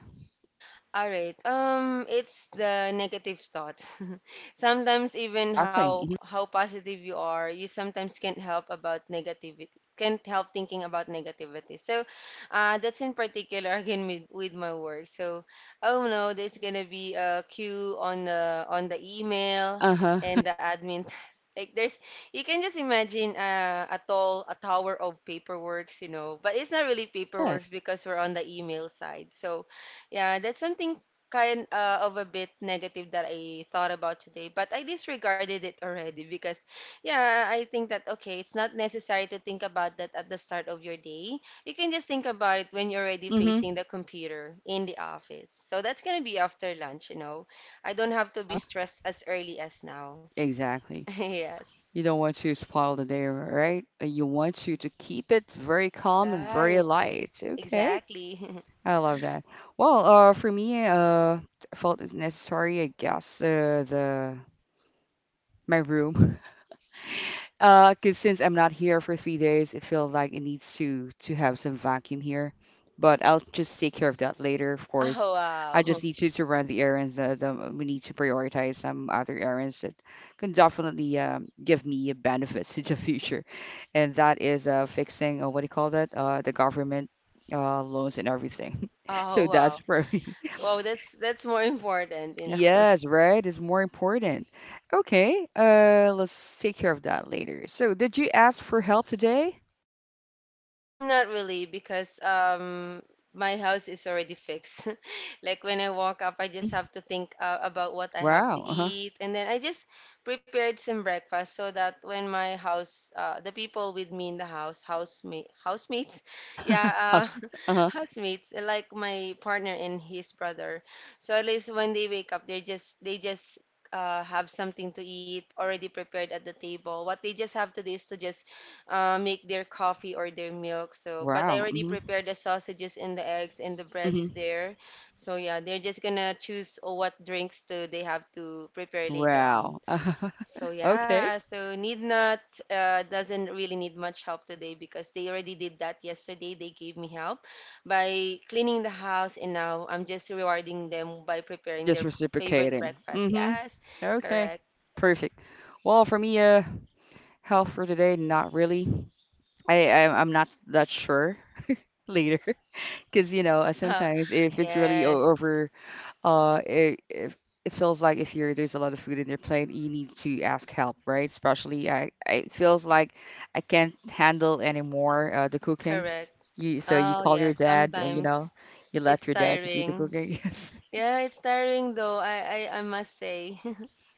Speaker 2: All right. It's the negative thoughts. Sometimes even
Speaker 1: Exactly. Mhm.
Speaker 2: how positive you are, you sometimes can't help about negativity. Can't help thinking about negativity. So, that's in particular again with my work. So, oh no, there's gonna be a queue on the email
Speaker 1: Uh-huh.
Speaker 2: and the admin. Task. Like there's, you can just imagine a tall a tower of paperworks, you know. But it's not really
Speaker 1: Yes.
Speaker 2: paperworks because we're on the email side. So, yeah, that's something kind of a bit negative that I thought about today, but I disregarded it already because, yeah, I think that okay, it's not necessary to think about that at the start of your day. You can just think about it when you're already
Speaker 1: Mm-hmm.
Speaker 2: facing the computer in the office. So that's gonna be after lunch, you know. I don't have to be
Speaker 1: Uh-huh.
Speaker 2: stressed as early as now.
Speaker 1: Exactly.
Speaker 2: Yes.
Speaker 1: You don't want to spoil the day, right? You want to keep it very calm and very
Speaker 2: Right.
Speaker 1: light. Okay.
Speaker 2: Exactly.
Speaker 1: I love that. Well, for me, I felt it's necessary, I guess, the my room. 'Cause since I'm not here for 3 days, it feels like it needs to have some vacuum here. But I'll just take care of that later, of course.
Speaker 2: Oh
Speaker 1: I just
Speaker 2: wow.
Speaker 1: need to run the errands that we need to prioritize some other errands that can definitely give me benefits in the future, and that is fixing what do you call that? The government loans and everything. So
Speaker 2: Oh
Speaker 1: that's
Speaker 2: wow.
Speaker 1: for me.
Speaker 2: Wow, that's more important, you know.
Speaker 1: Yes, right, is more important. Okay, let's take care of that later. So, did you ask for help today?
Speaker 2: Not really, because my house is already fixed. Like when I walk up, I just
Speaker 1: Mm-hmm.
Speaker 2: have to think about what I have to
Speaker 1: Wow. Uh-huh.
Speaker 2: eat, and then I just prepared some breakfast so that when my house, the people with me in the house, housemates, yeah,
Speaker 1: Uh, Uh-huh.
Speaker 2: housemates, like my partner and his brother. So at least when they wake up, they just have something to eat already prepared at the table. What they just have to do is to just make their coffee or their milk. So, but I
Speaker 1: Wow.
Speaker 2: already prepared the sausages and the eggs, and the bread
Speaker 1: Hmm
Speaker 2: is there. So yeah, they're just gonna choose what drinks do they have to prepare later on.
Speaker 1: Wow.
Speaker 2: So
Speaker 1: Okay.
Speaker 2: yeah, so need not doesn't really need much help today because they already did that yesterday. They gave me help by cleaning the house, and now I'm just rewarding them by
Speaker 1: You're
Speaker 2: preparing
Speaker 1: just
Speaker 2: their favorite
Speaker 1: reciprocating.
Speaker 2: breakfast.
Speaker 1: Hmm.
Speaker 2: Yes,
Speaker 1: Okay.
Speaker 2: correct.
Speaker 1: Perfect. Well, for me, health for today, not really. I'm not that sure later, because you know sometimes if it's really
Speaker 2: Yes,
Speaker 1: over it, if it feels like if you're there's a lot of food in your plate, you need to ask help, right? Especially I it feels like I can't handle anymore the cooking.
Speaker 2: correct.
Speaker 1: You so you
Speaker 2: Oh
Speaker 1: call
Speaker 2: yeah,
Speaker 1: your dad, you know,
Speaker 2: sometimes
Speaker 1: you let
Speaker 2: it's
Speaker 1: your dad to do the
Speaker 2: tiring.
Speaker 1: cooking. Yes.
Speaker 2: Yeah, it's tiring though. I must say.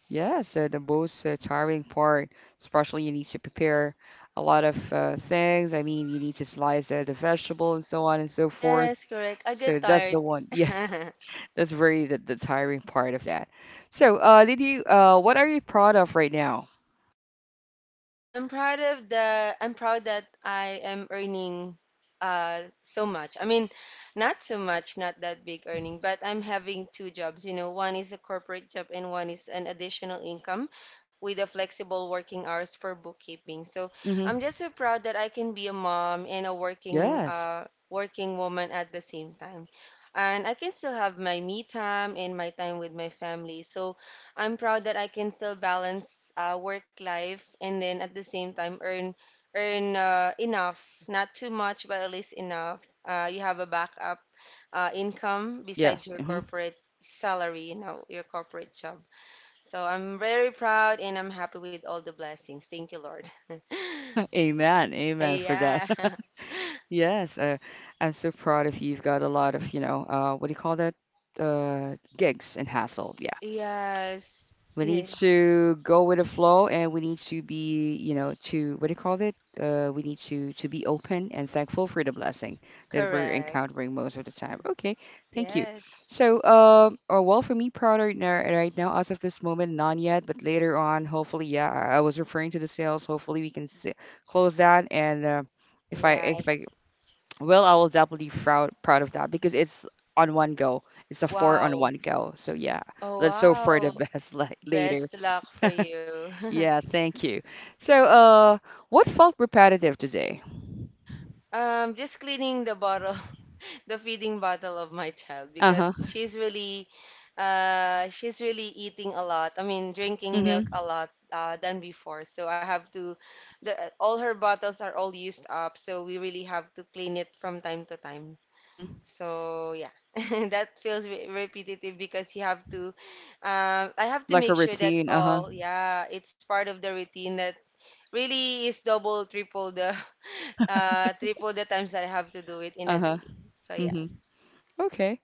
Speaker 1: Yeah, so the most tiring part, especially you need to prepare a lot of things. I mean, you need to slice the vegetable and so on and so forth.
Speaker 2: Yes, correct. I
Speaker 1: So
Speaker 2: get
Speaker 1: that's
Speaker 2: tired.
Speaker 1: the one. Yeah. That's very the tiring part of that. So, what are you proud of right now?
Speaker 2: Right. I'm proud that I am earning so much. I mean, not so much, not that big
Speaker 1: Hmm.
Speaker 2: earning, but I'm having two jobs, you know. One is a corporate job and one is an additional income with a flexible working hours for bookkeeping. So,
Speaker 1: Hmm.
Speaker 2: I'm just so proud that I can be a mom and a working
Speaker 1: Yes.
Speaker 2: working woman at the same time. And I can still have my me time and my time with my family. So, I'm proud that I can still balance work life and then at the same time earn enough, not too much, but at least enough. You have a backup income besides
Speaker 1: Yes.
Speaker 2: your
Speaker 1: Hmm.
Speaker 2: corporate salary, you know, your corporate job. So I'm very proud and I'm happy with all the blessings. Thank you, Lord.
Speaker 1: Amen. Amen for that.
Speaker 2: Yeah.
Speaker 1: Yes. I'm so proud of you. You've got a lot of, you know, what do you call that? Gigs and hassle. Yeah.
Speaker 2: Yes.
Speaker 1: We need
Speaker 2: Yeah.
Speaker 1: to go with the flow and we need to be, you know, to what do you call it? We need to be open and thankful for the blessing that we're
Speaker 2: Correct.
Speaker 1: encountering most of the time. Okay, thank you.
Speaker 2: Yes.
Speaker 1: So, or well, for me, right now, as of this moment, none yet, but later on, hopefully, yeah, I was referring to the sales. Hopefully, we can s close that. And if I,
Speaker 2: Yes.
Speaker 1: well, I will definitely proud of that because it's on one go. It's a four on
Speaker 2: Wow.
Speaker 1: one go. So yeah,
Speaker 2: Oh,
Speaker 1: let's hope for the
Speaker 2: wow.
Speaker 1: best like later.
Speaker 2: Best luck for you.
Speaker 1: Yeah, thank you. So, what felt repetitive today?
Speaker 2: Just cleaning the bottle, the feeding bottle of my child
Speaker 1: Uh-huh.
Speaker 2: because she's really eating a lot. I mean, drinking milk
Speaker 1: Mm-hmm.
Speaker 2: a lot than before. So I have to, the all her bottles are all used up. So we really have to clean it from time to time.
Speaker 1: Mm-hmm.
Speaker 2: So yeah, that feels re repetitive because you have to, I have to
Speaker 1: Like her
Speaker 2: make sure that
Speaker 1: routine. Uh-huh.
Speaker 2: all, yeah, it's part of the routine that really is double, triple the triple the times that I have to do it in a
Speaker 1: Uh-huh.
Speaker 2: day. So yeah.
Speaker 1: Mm-hmm. Okay.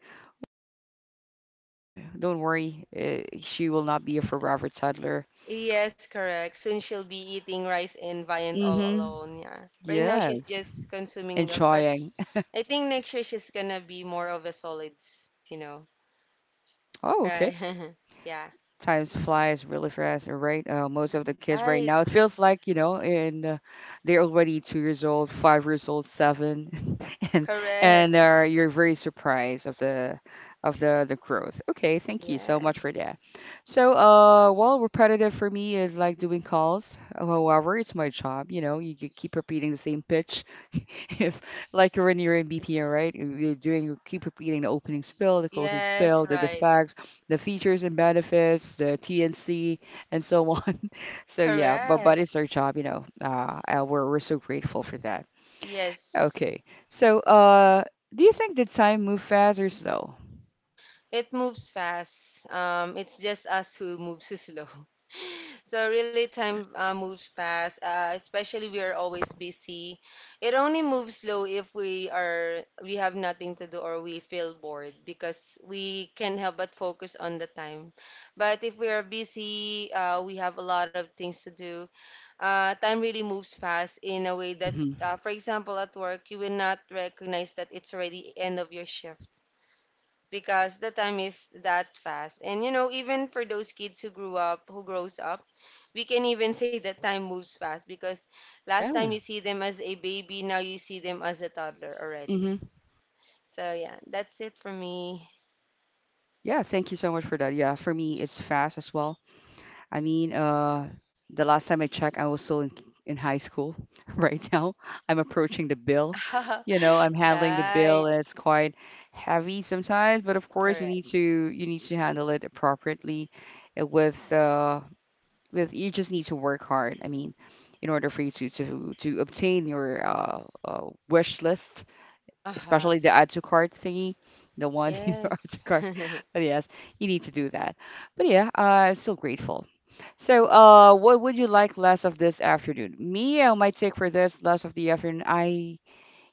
Speaker 1: Don't worry. She will not be a forever toddler.
Speaker 2: Yes, correct. Soon she'll be eating rice and viand all
Speaker 1: Mm-hmm.
Speaker 2: alone. Yeah. Right now she's
Speaker 1: Yes.
Speaker 2: just consuming milk, but
Speaker 1: Enjoying.
Speaker 2: I think next year she's gonna be more of a solids, you know.
Speaker 1: Oh, okay.
Speaker 2: Right. Yeah.
Speaker 1: Time flies really fast, all right? Most of the kids right
Speaker 2: Right.
Speaker 1: now, it feels like, you know, and they're already 2 years old, 5 years old, seven, and and
Speaker 2: Correct.
Speaker 1: uh, you're very surprised of the of the growth. Okay, thank you so much for
Speaker 2: Yes.
Speaker 1: that. So, well, repetitive for me is like doing calls. Well, however, it's my job, you know, you could keep repeating the same pitch. If like when you're in BPM, right? You're doing, you keep repeating the opening spill, the closing
Speaker 2: Yes,
Speaker 1: spill, the
Speaker 2: right.
Speaker 1: facts the features and benefits, the TNC, and so on. So yeah, but
Speaker 2: Correct.
Speaker 1: it's our job, you know. We're so grateful for that.
Speaker 2: Yes.
Speaker 1: Okay, so do you think the time move fast or slow?
Speaker 2: It moves fast. It's just us who moves slow. So really, time moves fast, especially we are always busy. It only moves slow if we are we have nothing to do or we feel bored because we can help but focus on the time. But if we are busy, we have a lot of things to do. Time really moves fast in a way that,
Speaker 1: Mm-hmm.
Speaker 2: for example, at work, you will not recognize that it's already end of your shift. Because the time is that fast. And you know, even for those kids who grew up, who grows up, we can even say that time moves fast because last time
Speaker 1: Yeah.
Speaker 2: you see them as a baby, now you see them as a toddler already.
Speaker 1: Mm-hmm.
Speaker 2: So yeah, that's it for me.
Speaker 1: Yeah, thank you so much for that. Yeah, for me, it's fast as well. I mean, the last time I checked, I was still in high school. Right now, I'm approaching the bill. You know, I'm handling the bill,
Speaker 2: Right,
Speaker 1: and it's quite heavy sometimes. But of course,
Speaker 2: correct.
Speaker 1: you need to handle it appropriately. With you just need to work hard. I mean, in order for you to obtain your wish list,
Speaker 2: Uh-huh.
Speaker 1: especially the add to cart thingy, the one in your add to
Speaker 2: Yes.
Speaker 1: cart. But yes, you need to do that. But yeah, I'm still grateful so, what would you like less of this afternoon? Me, my take for this less of the afternoon. I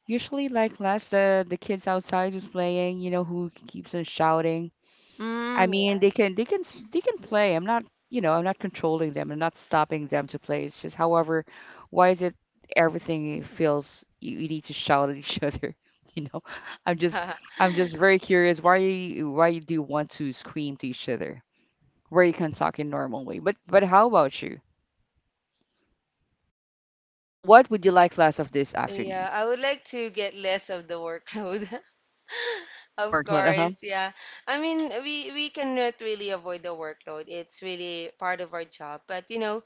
Speaker 1: usually like less the kids outside who's playing. You know who keeps on shouting. I
Speaker 2: Mm,
Speaker 1: mean, they can play. I'm not you know I'm not controlling them. I'm not stopping them to play. It's just, however, why is it everything feels you need to shout at each other? You know, I'm just
Speaker 2: yes.
Speaker 1: I'm just very curious why you do want to scream to each other where you can talk in normal way. But how about you? What would you like class of this afternoon?
Speaker 2: Yeah, I would like to get less of the workload. Of
Speaker 1: Work load, uh-huh.
Speaker 2: course, yeah. I mean, we cannot really avoid the workload. It's really part of our job. But you know,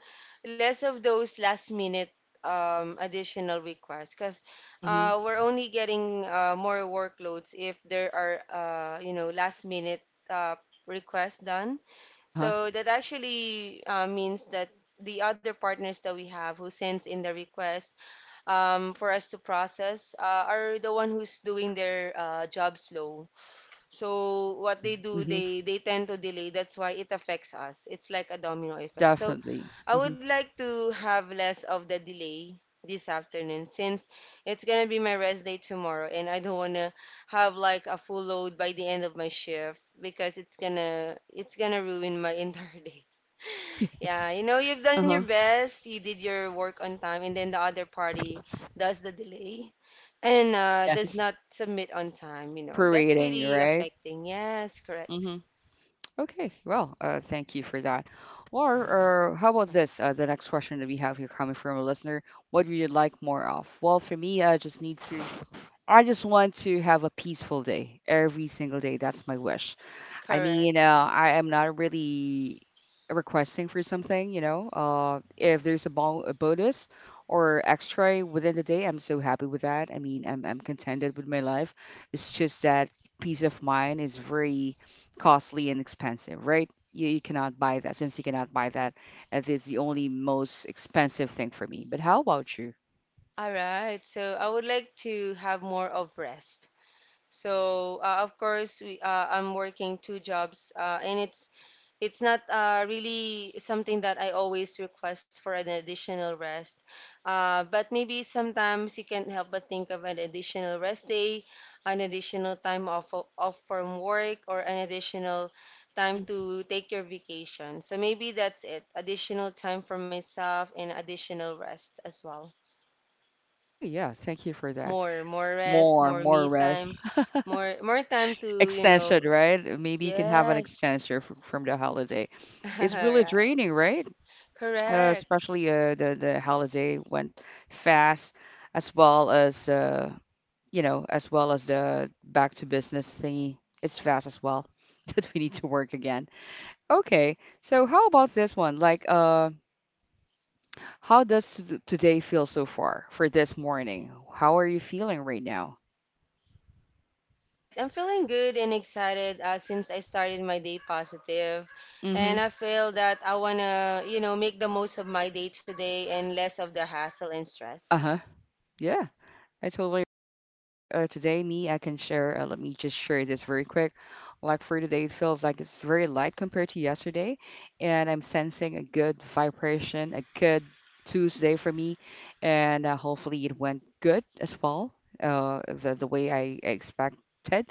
Speaker 2: less of those last minute additional requests, because
Speaker 1: Mm-hmm.
Speaker 2: we're only getting more workloads if there are you know last minute uh requests done.
Speaker 1: Uh-huh.
Speaker 2: So that actually means that the other partners that we have who sends in the request for us to process are the one who's doing their job slow, so what
Speaker 1: Yeah.
Speaker 2: they do,
Speaker 1: Mm-hmm.
Speaker 2: they tend to delay. That's why it affects us. It's like a domino effect. So
Speaker 1: Definitely.
Speaker 2: I
Speaker 1: Mm-hmm.
Speaker 2: would like to have less of the delay this afternoon since it's gonna be my rest day tomorrow, and I don't wanna have like a full load by the end of my shift because it's gonna ruin my entire day.
Speaker 1: Yes.
Speaker 2: Yeah, you know, you've done your
Speaker 1: Uh-huh.
Speaker 2: best, you did your work on time, and then the other party does the delay and does
Speaker 1: Yes.
Speaker 2: not submit on time, you know, that's
Speaker 1: Operating,
Speaker 2: really
Speaker 1: right?
Speaker 2: affecting. Yes, correct.
Speaker 1: Mm-hmm. Okay. Well, thank you for that. Or, how about this? The next question that we have here coming from a listener. What would you like more of? Well, for me, I just want to have a peaceful day every single day. That's my wish. I
Speaker 2: Correct.
Speaker 1: mean, I am not really requesting for something, you know. If there's bonus or extra within the day, I'm so happy with that. I mean, I'm contented with my life. It's just that peace of mind is very costly and expensive, right? You cannot buy that. Since you cannot buy that, it is the only most expensive thing for me. But how about you?
Speaker 2: All right. So I would like to have more of rest. So of course we I'm working two jobs and it's not really something that I always request for an additional rest. But maybe sometimes you can't help but think of an additional rest day, an additional time off, off from work, or an additional time
Speaker 1: Hmm.
Speaker 2: to take your vacation. So maybe that's it. Additional time for myself and additional rest as well.
Speaker 1: Hey, yeah, thank you for that.
Speaker 2: More, more rest,
Speaker 1: More,
Speaker 2: more me
Speaker 1: more rest.
Speaker 2: time, more, more time to, you
Speaker 1: Extension,
Speaker 2: know,
Speaker 1: right? Maybe you can have an
Speaker 2: Yes.
Speaker 1: extension from the holiday. It's really
Speaker 2: Right.
Speaker 1: draining, right?
Speaker 2: Correct.
Speaker 1: Especially the holiday went fast, as well as you know, as well as the back to business thingy. It's fast as well that we need to work again. Okay, so how about this one? Like, today feel so far for this morning? How are you feeling right now?
Speaker 2: All right. I'm feeling good and excited since I started my day positive. And
Speaker 1: Mm-hmm.
Speaker 2: I feel that I want to, you know, make the most of my day today and less of the hassle and stress.
Speaker 1: Uh-huh. Yeah, I totally Like today, me, I can share. Let me just share this very quick. Like for today, it feels like it's very light compared to yesterday, and I'm sensing a good vibration, a good Tuesday for me, and hopefully it went good as well, the way I expected,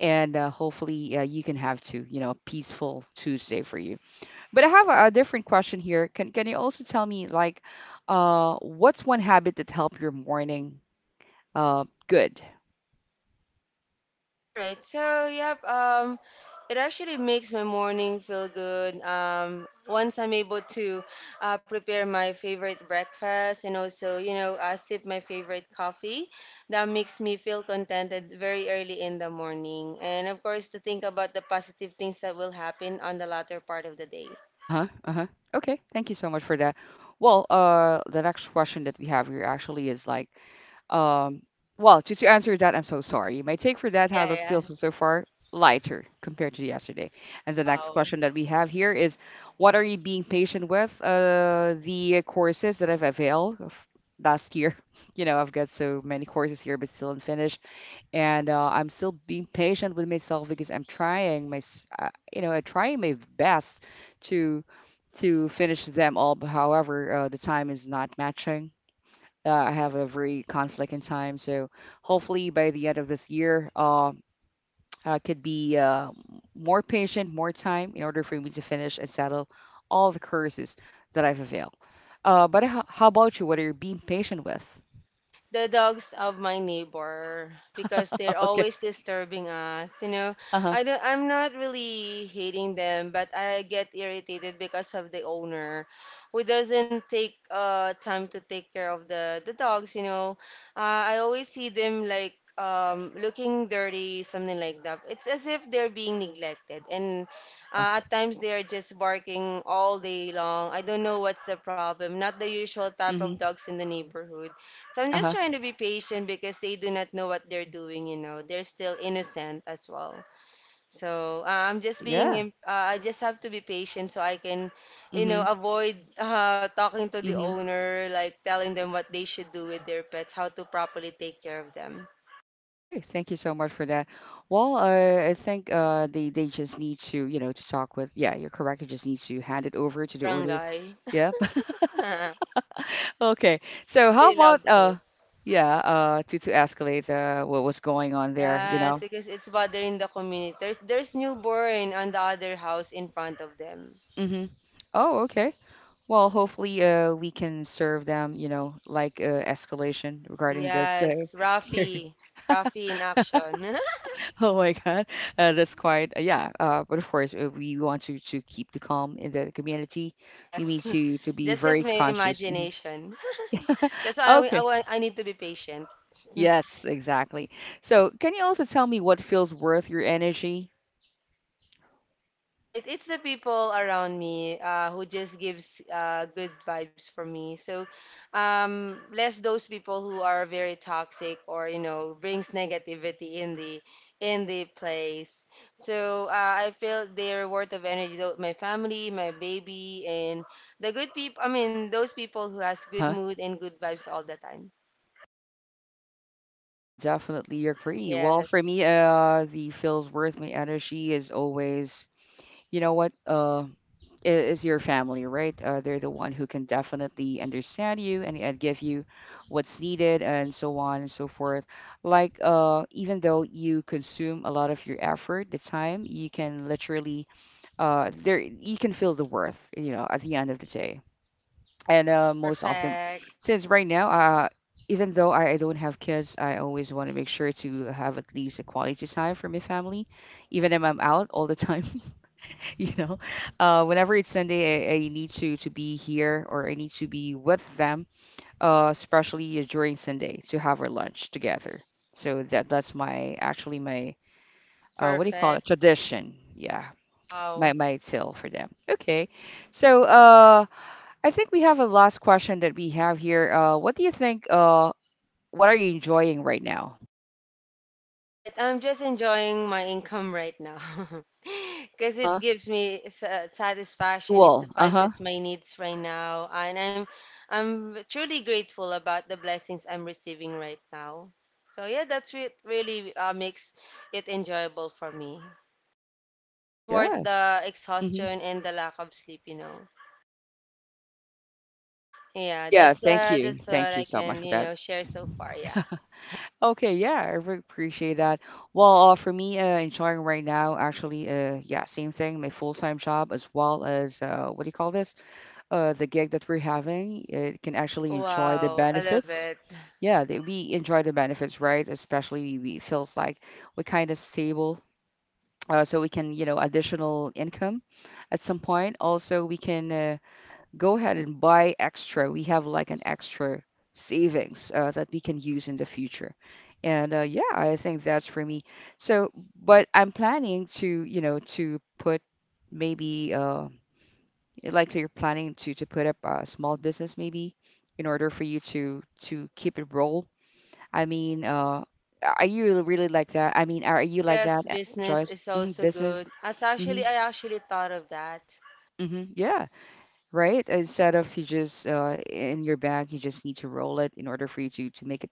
Speaker 1: and hopefully you can have too, you know, a peaceful Tuesday for you. But I have a different question here. Can you also tell me like, what's one habit that helped your morning? Good.
Speaker 2: All right. So, yep, it actually makes my morning feel good. Um, once I'm able to prepare my favorite breakfast and also, you know, sip my favorite coffee, that makes me feel contented very early in the morning. And of course, to think about the positive things that will happen on the latter part of the day.
Speaker 1: Uh-huh. Uh-huh. Okay. Thank you so much for that. Well, the next question that we have here actually is like, um, well, to answer that, I'm so sorry. My take for that, how
Speaker 2: Yeah,
Speaker 1: that
Speaker 2: yeah.
Speaker 1: feels so far, lighter compared to yesterday. And the next
Speaker 2: Wow.
Speaker 1: question that we have here is, what are you being patient with? The courses that I've availed of last year, you know, I've got so many courses here, but still unfinished and I'm still being patient with myself because I'm trying my best to to finish them all. But however, the time is not matching. I have a very conflict in time, so hopefully by the end of this year, I could be more patient, more time in order for me to finish and settle all the curses that I've availed. But how about you? What are you being patient with?
Speaker 2: The dogs of my neighbor, because they're
Speaker 1: Okay.
Speaker 2: always disturbing us. You know,
Speaker 1: Uh-huh.
Speaker 2: I'm not really hating them, but I get irritated because of the owner who doesn't take time to take care of the dogs. You know, I always see them like looking dirty, something like that. It's as if they're being neglected and.
Speaker 1: Uh-huh.
Speaker 2: At times they are just barking all day long. I don't know what's the problem. Not the usual type of
Speaker 1: Mm-hmm.
Speaker 2: dogs in the neighborhood. So I'm just
Speaker 1: Uh-huh.
Speaker 2: trying to be patient because they do not know what they're doing, you know. They're still innocent as well. So I'm just
Speaker 1: Yeah.
Speaker 2: I just have to be patient so I can, you know,
Speaker 1: Mm-hmm.
Speaker 2: avoid talking to the
Speaker 1: Mm-hmm.
Speaker 2: owner, like telling them what they should do with their pets, how to properly take care of them.
Speaker 1: Okay, thank you so much for that. Well, I think they just need to, you know, to talk with. Yeah, you're correct. You just need to hand it over to the order.
Speaker 2: Barangay.
Speaker 1: Yep.
Speaker 2: I
Speaker 1: Okay. So how
Speaker 2: really love
Speaker 1: about
Speaker 2: to.
Speaker 1: yeah, to escalate what was going on there, you
Speaker 2: Yes,
Speaker 1: know?
Speaker 2: because it's bothering the community. There's newborn on the other house in front of them.
Speaker 1: Mm-hmm. Oh, okay. Well, hopefully we can serve them, you know, like escalation regarding this.
Speaker 2: Yes,
Speaker 1: Sir.
Speaker 2: Rafi. Rafi in action.
Speaker 1: Oh my God, that's quite yeah. But of course, we want to keep the calm in the community. You mean
Speaker 2: Yes,
Speaker 1: to be
Speaker 2: that's
Speaker 1: very
Speaker 2: just my
Speaker 1: conscious. Mhm.
Speaker 2: imagination. That's why
Speaker 1: Okay.
Speaker 2: I need to be patient. Mm.
Speaker 1: Yes, exactly. So, can you also tell me what feels worth your energy?
Speaker 2: All right, it's the people around me who just gives good vibes for me. So, less those people who are very toxic, or you know brings negativity in the place. So I feel they're worth of energy. Though my family, my baby, and the good people. I mean, those people who has good
Speaker 1: Uh-huh.
Speaker 2: mood and good vibes all the time.
Speaker 1: I definitely agree. Well, for
Speaker 2: Yes.
Speaker 1: me, the feels worth my energy is always you know what is your family, right? They're the one who can definitely understand you and, give you what's needed and so on and so forth, like even though you consume a lot of your effort, the time you can literally, there you can feel the worth, you know, at the end of the day. And most often,
Speaker 2: Perfect.
Speaker 1: since right now, even though I don't have kids, I always want to make sure to have at least a quality time for my family, even if I'm out all the time. You know, whenever it's Sunday, I need to be here, or I need to be with them, especially during Sunday, to have our lunch together. So that that's my actually my,
Speaker 2: It's
Speaker 1: what do you call it,
Speaker 2: perfect.
Speaker 1: tradition. Yeah, my
Speaker 2: Wow.
Speaker 1: my till for them. Okay, so I think we have a last question that we have here. What do you think? What are you enjoying right now?
Speaker 2: All right, I'm just enjoying my income right now because it
Speaker 1: Uh-huh.
Speaker 2: gives me satisfaction. It
Speaker 1: Fuel. Uh-huh.
Speaker 2: suffices my needs right now, and I'm truly grateful about the blessings I'm receiving right now. So yeah, that's really makes it enjoyable for me. It's worth
Speaker 1: Yeah.
Speaker 2: the
Speaker 1: Hmm.
Speaker 2: exhaustion and the lack of sleep, you know. Yeah,
Speaker 1: Yeah, thank you,
Speaker 2: that's what
Speaker 1: thank you
Speaker 2: I
Speaker 1: so much
Speaker 2: can,
Speaker 1: for
Speaker 2: you
Speaker 1: that.
Speaker 2: know, share so far. Yeah.
Speaker 1: Okay, yeah, I really appreciate that. Well, for me, enjoying right now, actually, yeah, same thing, my full-time job, as well as what do you call this? The gig that we're having, it can actually enjoy the
Speaker 2: Wow, I love
Speaker 1: benefits.
Speaker 2: it.
Speaker 1: Yeah, we enjoy the benefits, right? Especially we feels like we're kind of stable, so we can, you know, additional income at some point. Also, we can. Go ahead and buy extra. We have like an extra savings that we can use in the future. And yeah, I think that's for me. So, but I'm planning to, you know, to put maybe like you're planning to put up a small business maybe, in order for you to keep it roll. I mean, are you really like that? I mean, are you like that,
Speaker 2: Yes, business
Speaker 1: Joyce?
Speaker 2: is also
Speaker 1: Business?
Speaker 2: good. That's
Speaker 1: hmm
Speaker 2: actually, I actually thought of that.
Speaker 1: Yeah. Right? Instead of you just in your bag, you just need to roll it in order for you to make a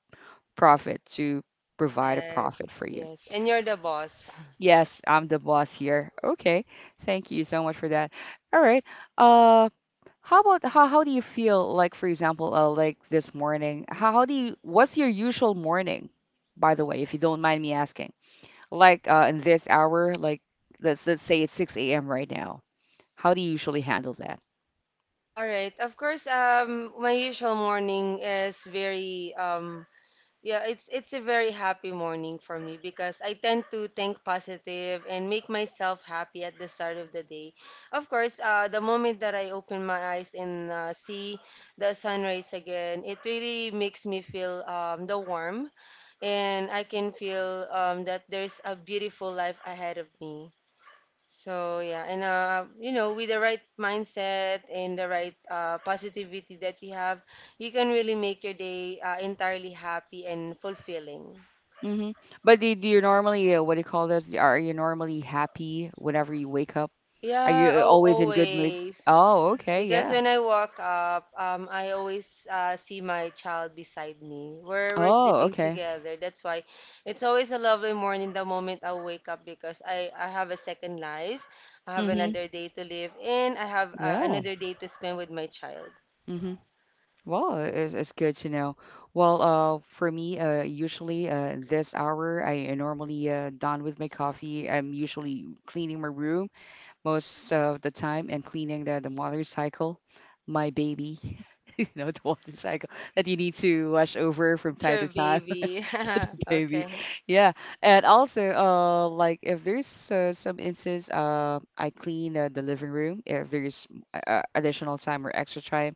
Speaker 1: profit, to provide a
Speaker 2: Correct.
Speaker 1: profit for you.
Speaker 2: Yes. And you're the boss.
Speaker 1: Yes, I'm the boss here. Okay, thank you so much for that. All right. Uh, how about how do you feel, like, for example, like this morning? How do you? What's your usual morning, by the way, if you don't mind me asking? Like in this hour, like let's say it's 6 a.m. right now. How do you usually handle that?
Speaker 2: All right. Of course, my usual morning is very, yeah, it's a very happy morning for me because I tend to think positive and make myself happy at the start of the day. Of course, the moment that I open my eyes and see the sunrise again, it really makes me feel the warmth, and I can feel that there's a beautiful life ahead of me. So yeah, and you know, with the right mindset and the right positivity that you have, you can really make your day entirely happy and fulfilling.
Speaker 1: Mm-hmm. But do you normally, what do you call this? Are you normally happy whenever you wake up? Are
Speaker 2: Yeah,
Speaker 1: you
Speaker 2: oh,
Speaker 1: always in good mood?
Speaker 2: always.
Speaker 1: Oh, okay,
Speaker 2: Because
Speaker 1: yeah.
Speaker 2: when I walk up, I always see my child beside me. We're
Speaker 1: Oh,
Speaker 2: sleeping
Speaker 1: okay.
Speaker 2: together. That's why it's always a lovely morning the moment I wake up because I have a second life. I have
Speaker 1: Mm-hmm.
Speaker 2: another day to live and I have
Speaker 1: Yeah.
Speaker 2: another day to spend with my child.
Speaker 1: Mm-hmm. Well, it's good to know. Well, for me, usually this hour, I normally done with my coffee. I'm usually cleaning my room most of the time, and cleaning the motorcycle, my baby, you know, the motorcycle that you need to wash over from
Speaker 2: That's
Speaker 1: time
Speaker 2: your
Speaker 1: to time.
Speaker 2: baby. Okay.
Speaker 1: Baby. Yeah, and also, like if there's some instance, I clean the living room, if there's additional time or extra time.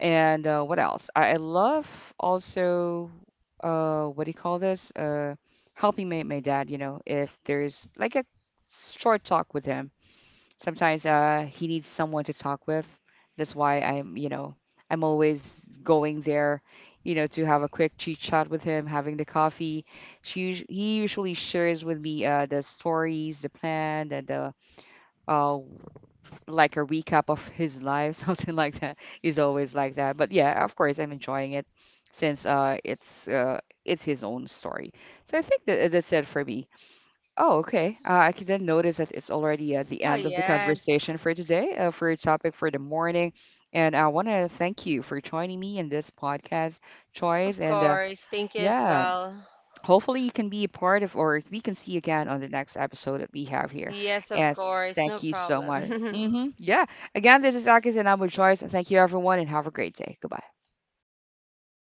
Speaker 1: And what else? I love also, what do you call this? Helping my dad. You know, if there's like a short talk with him. Sometimes he needs someone to talk with. That's why I'm, you know, I'm always going there, you know, to have a quick chit chat with him, having the coffee. He usually shares with me the stories, the plan, and the uh, like a recap of his life, something like that. Is always like that. But yeah, of course, I'm enjoying it, since it's his own story. So I think that that's it for me. Oh, okay. I can then notice that it's already at the
Speaker 2: Oh,
Speaker 1: end of the
Speaker 2: yes.
Speaker 1: conversation for today, for your topic for the morning. And I want to thank you for joining me in this podcast, Choice.
Speaker 2: Of
Speaker 1: And
Speaker 2: course. Thank you as
Speaker 1: yeah,
Speaker 2: well.
Speaker 1: hopefully you can be a part of, or we can see you again on the next episode that we have here.
Speaker 2: Yes, of
Speaker 1: And
Speaker 2: course. No
Speaker 1: thank you so much.
Speaker 2: problem.
Speaker 1: Yeah. Again, this is Akis and I'm with Choice. And thank you, everyone, and have a great day. Goodbye.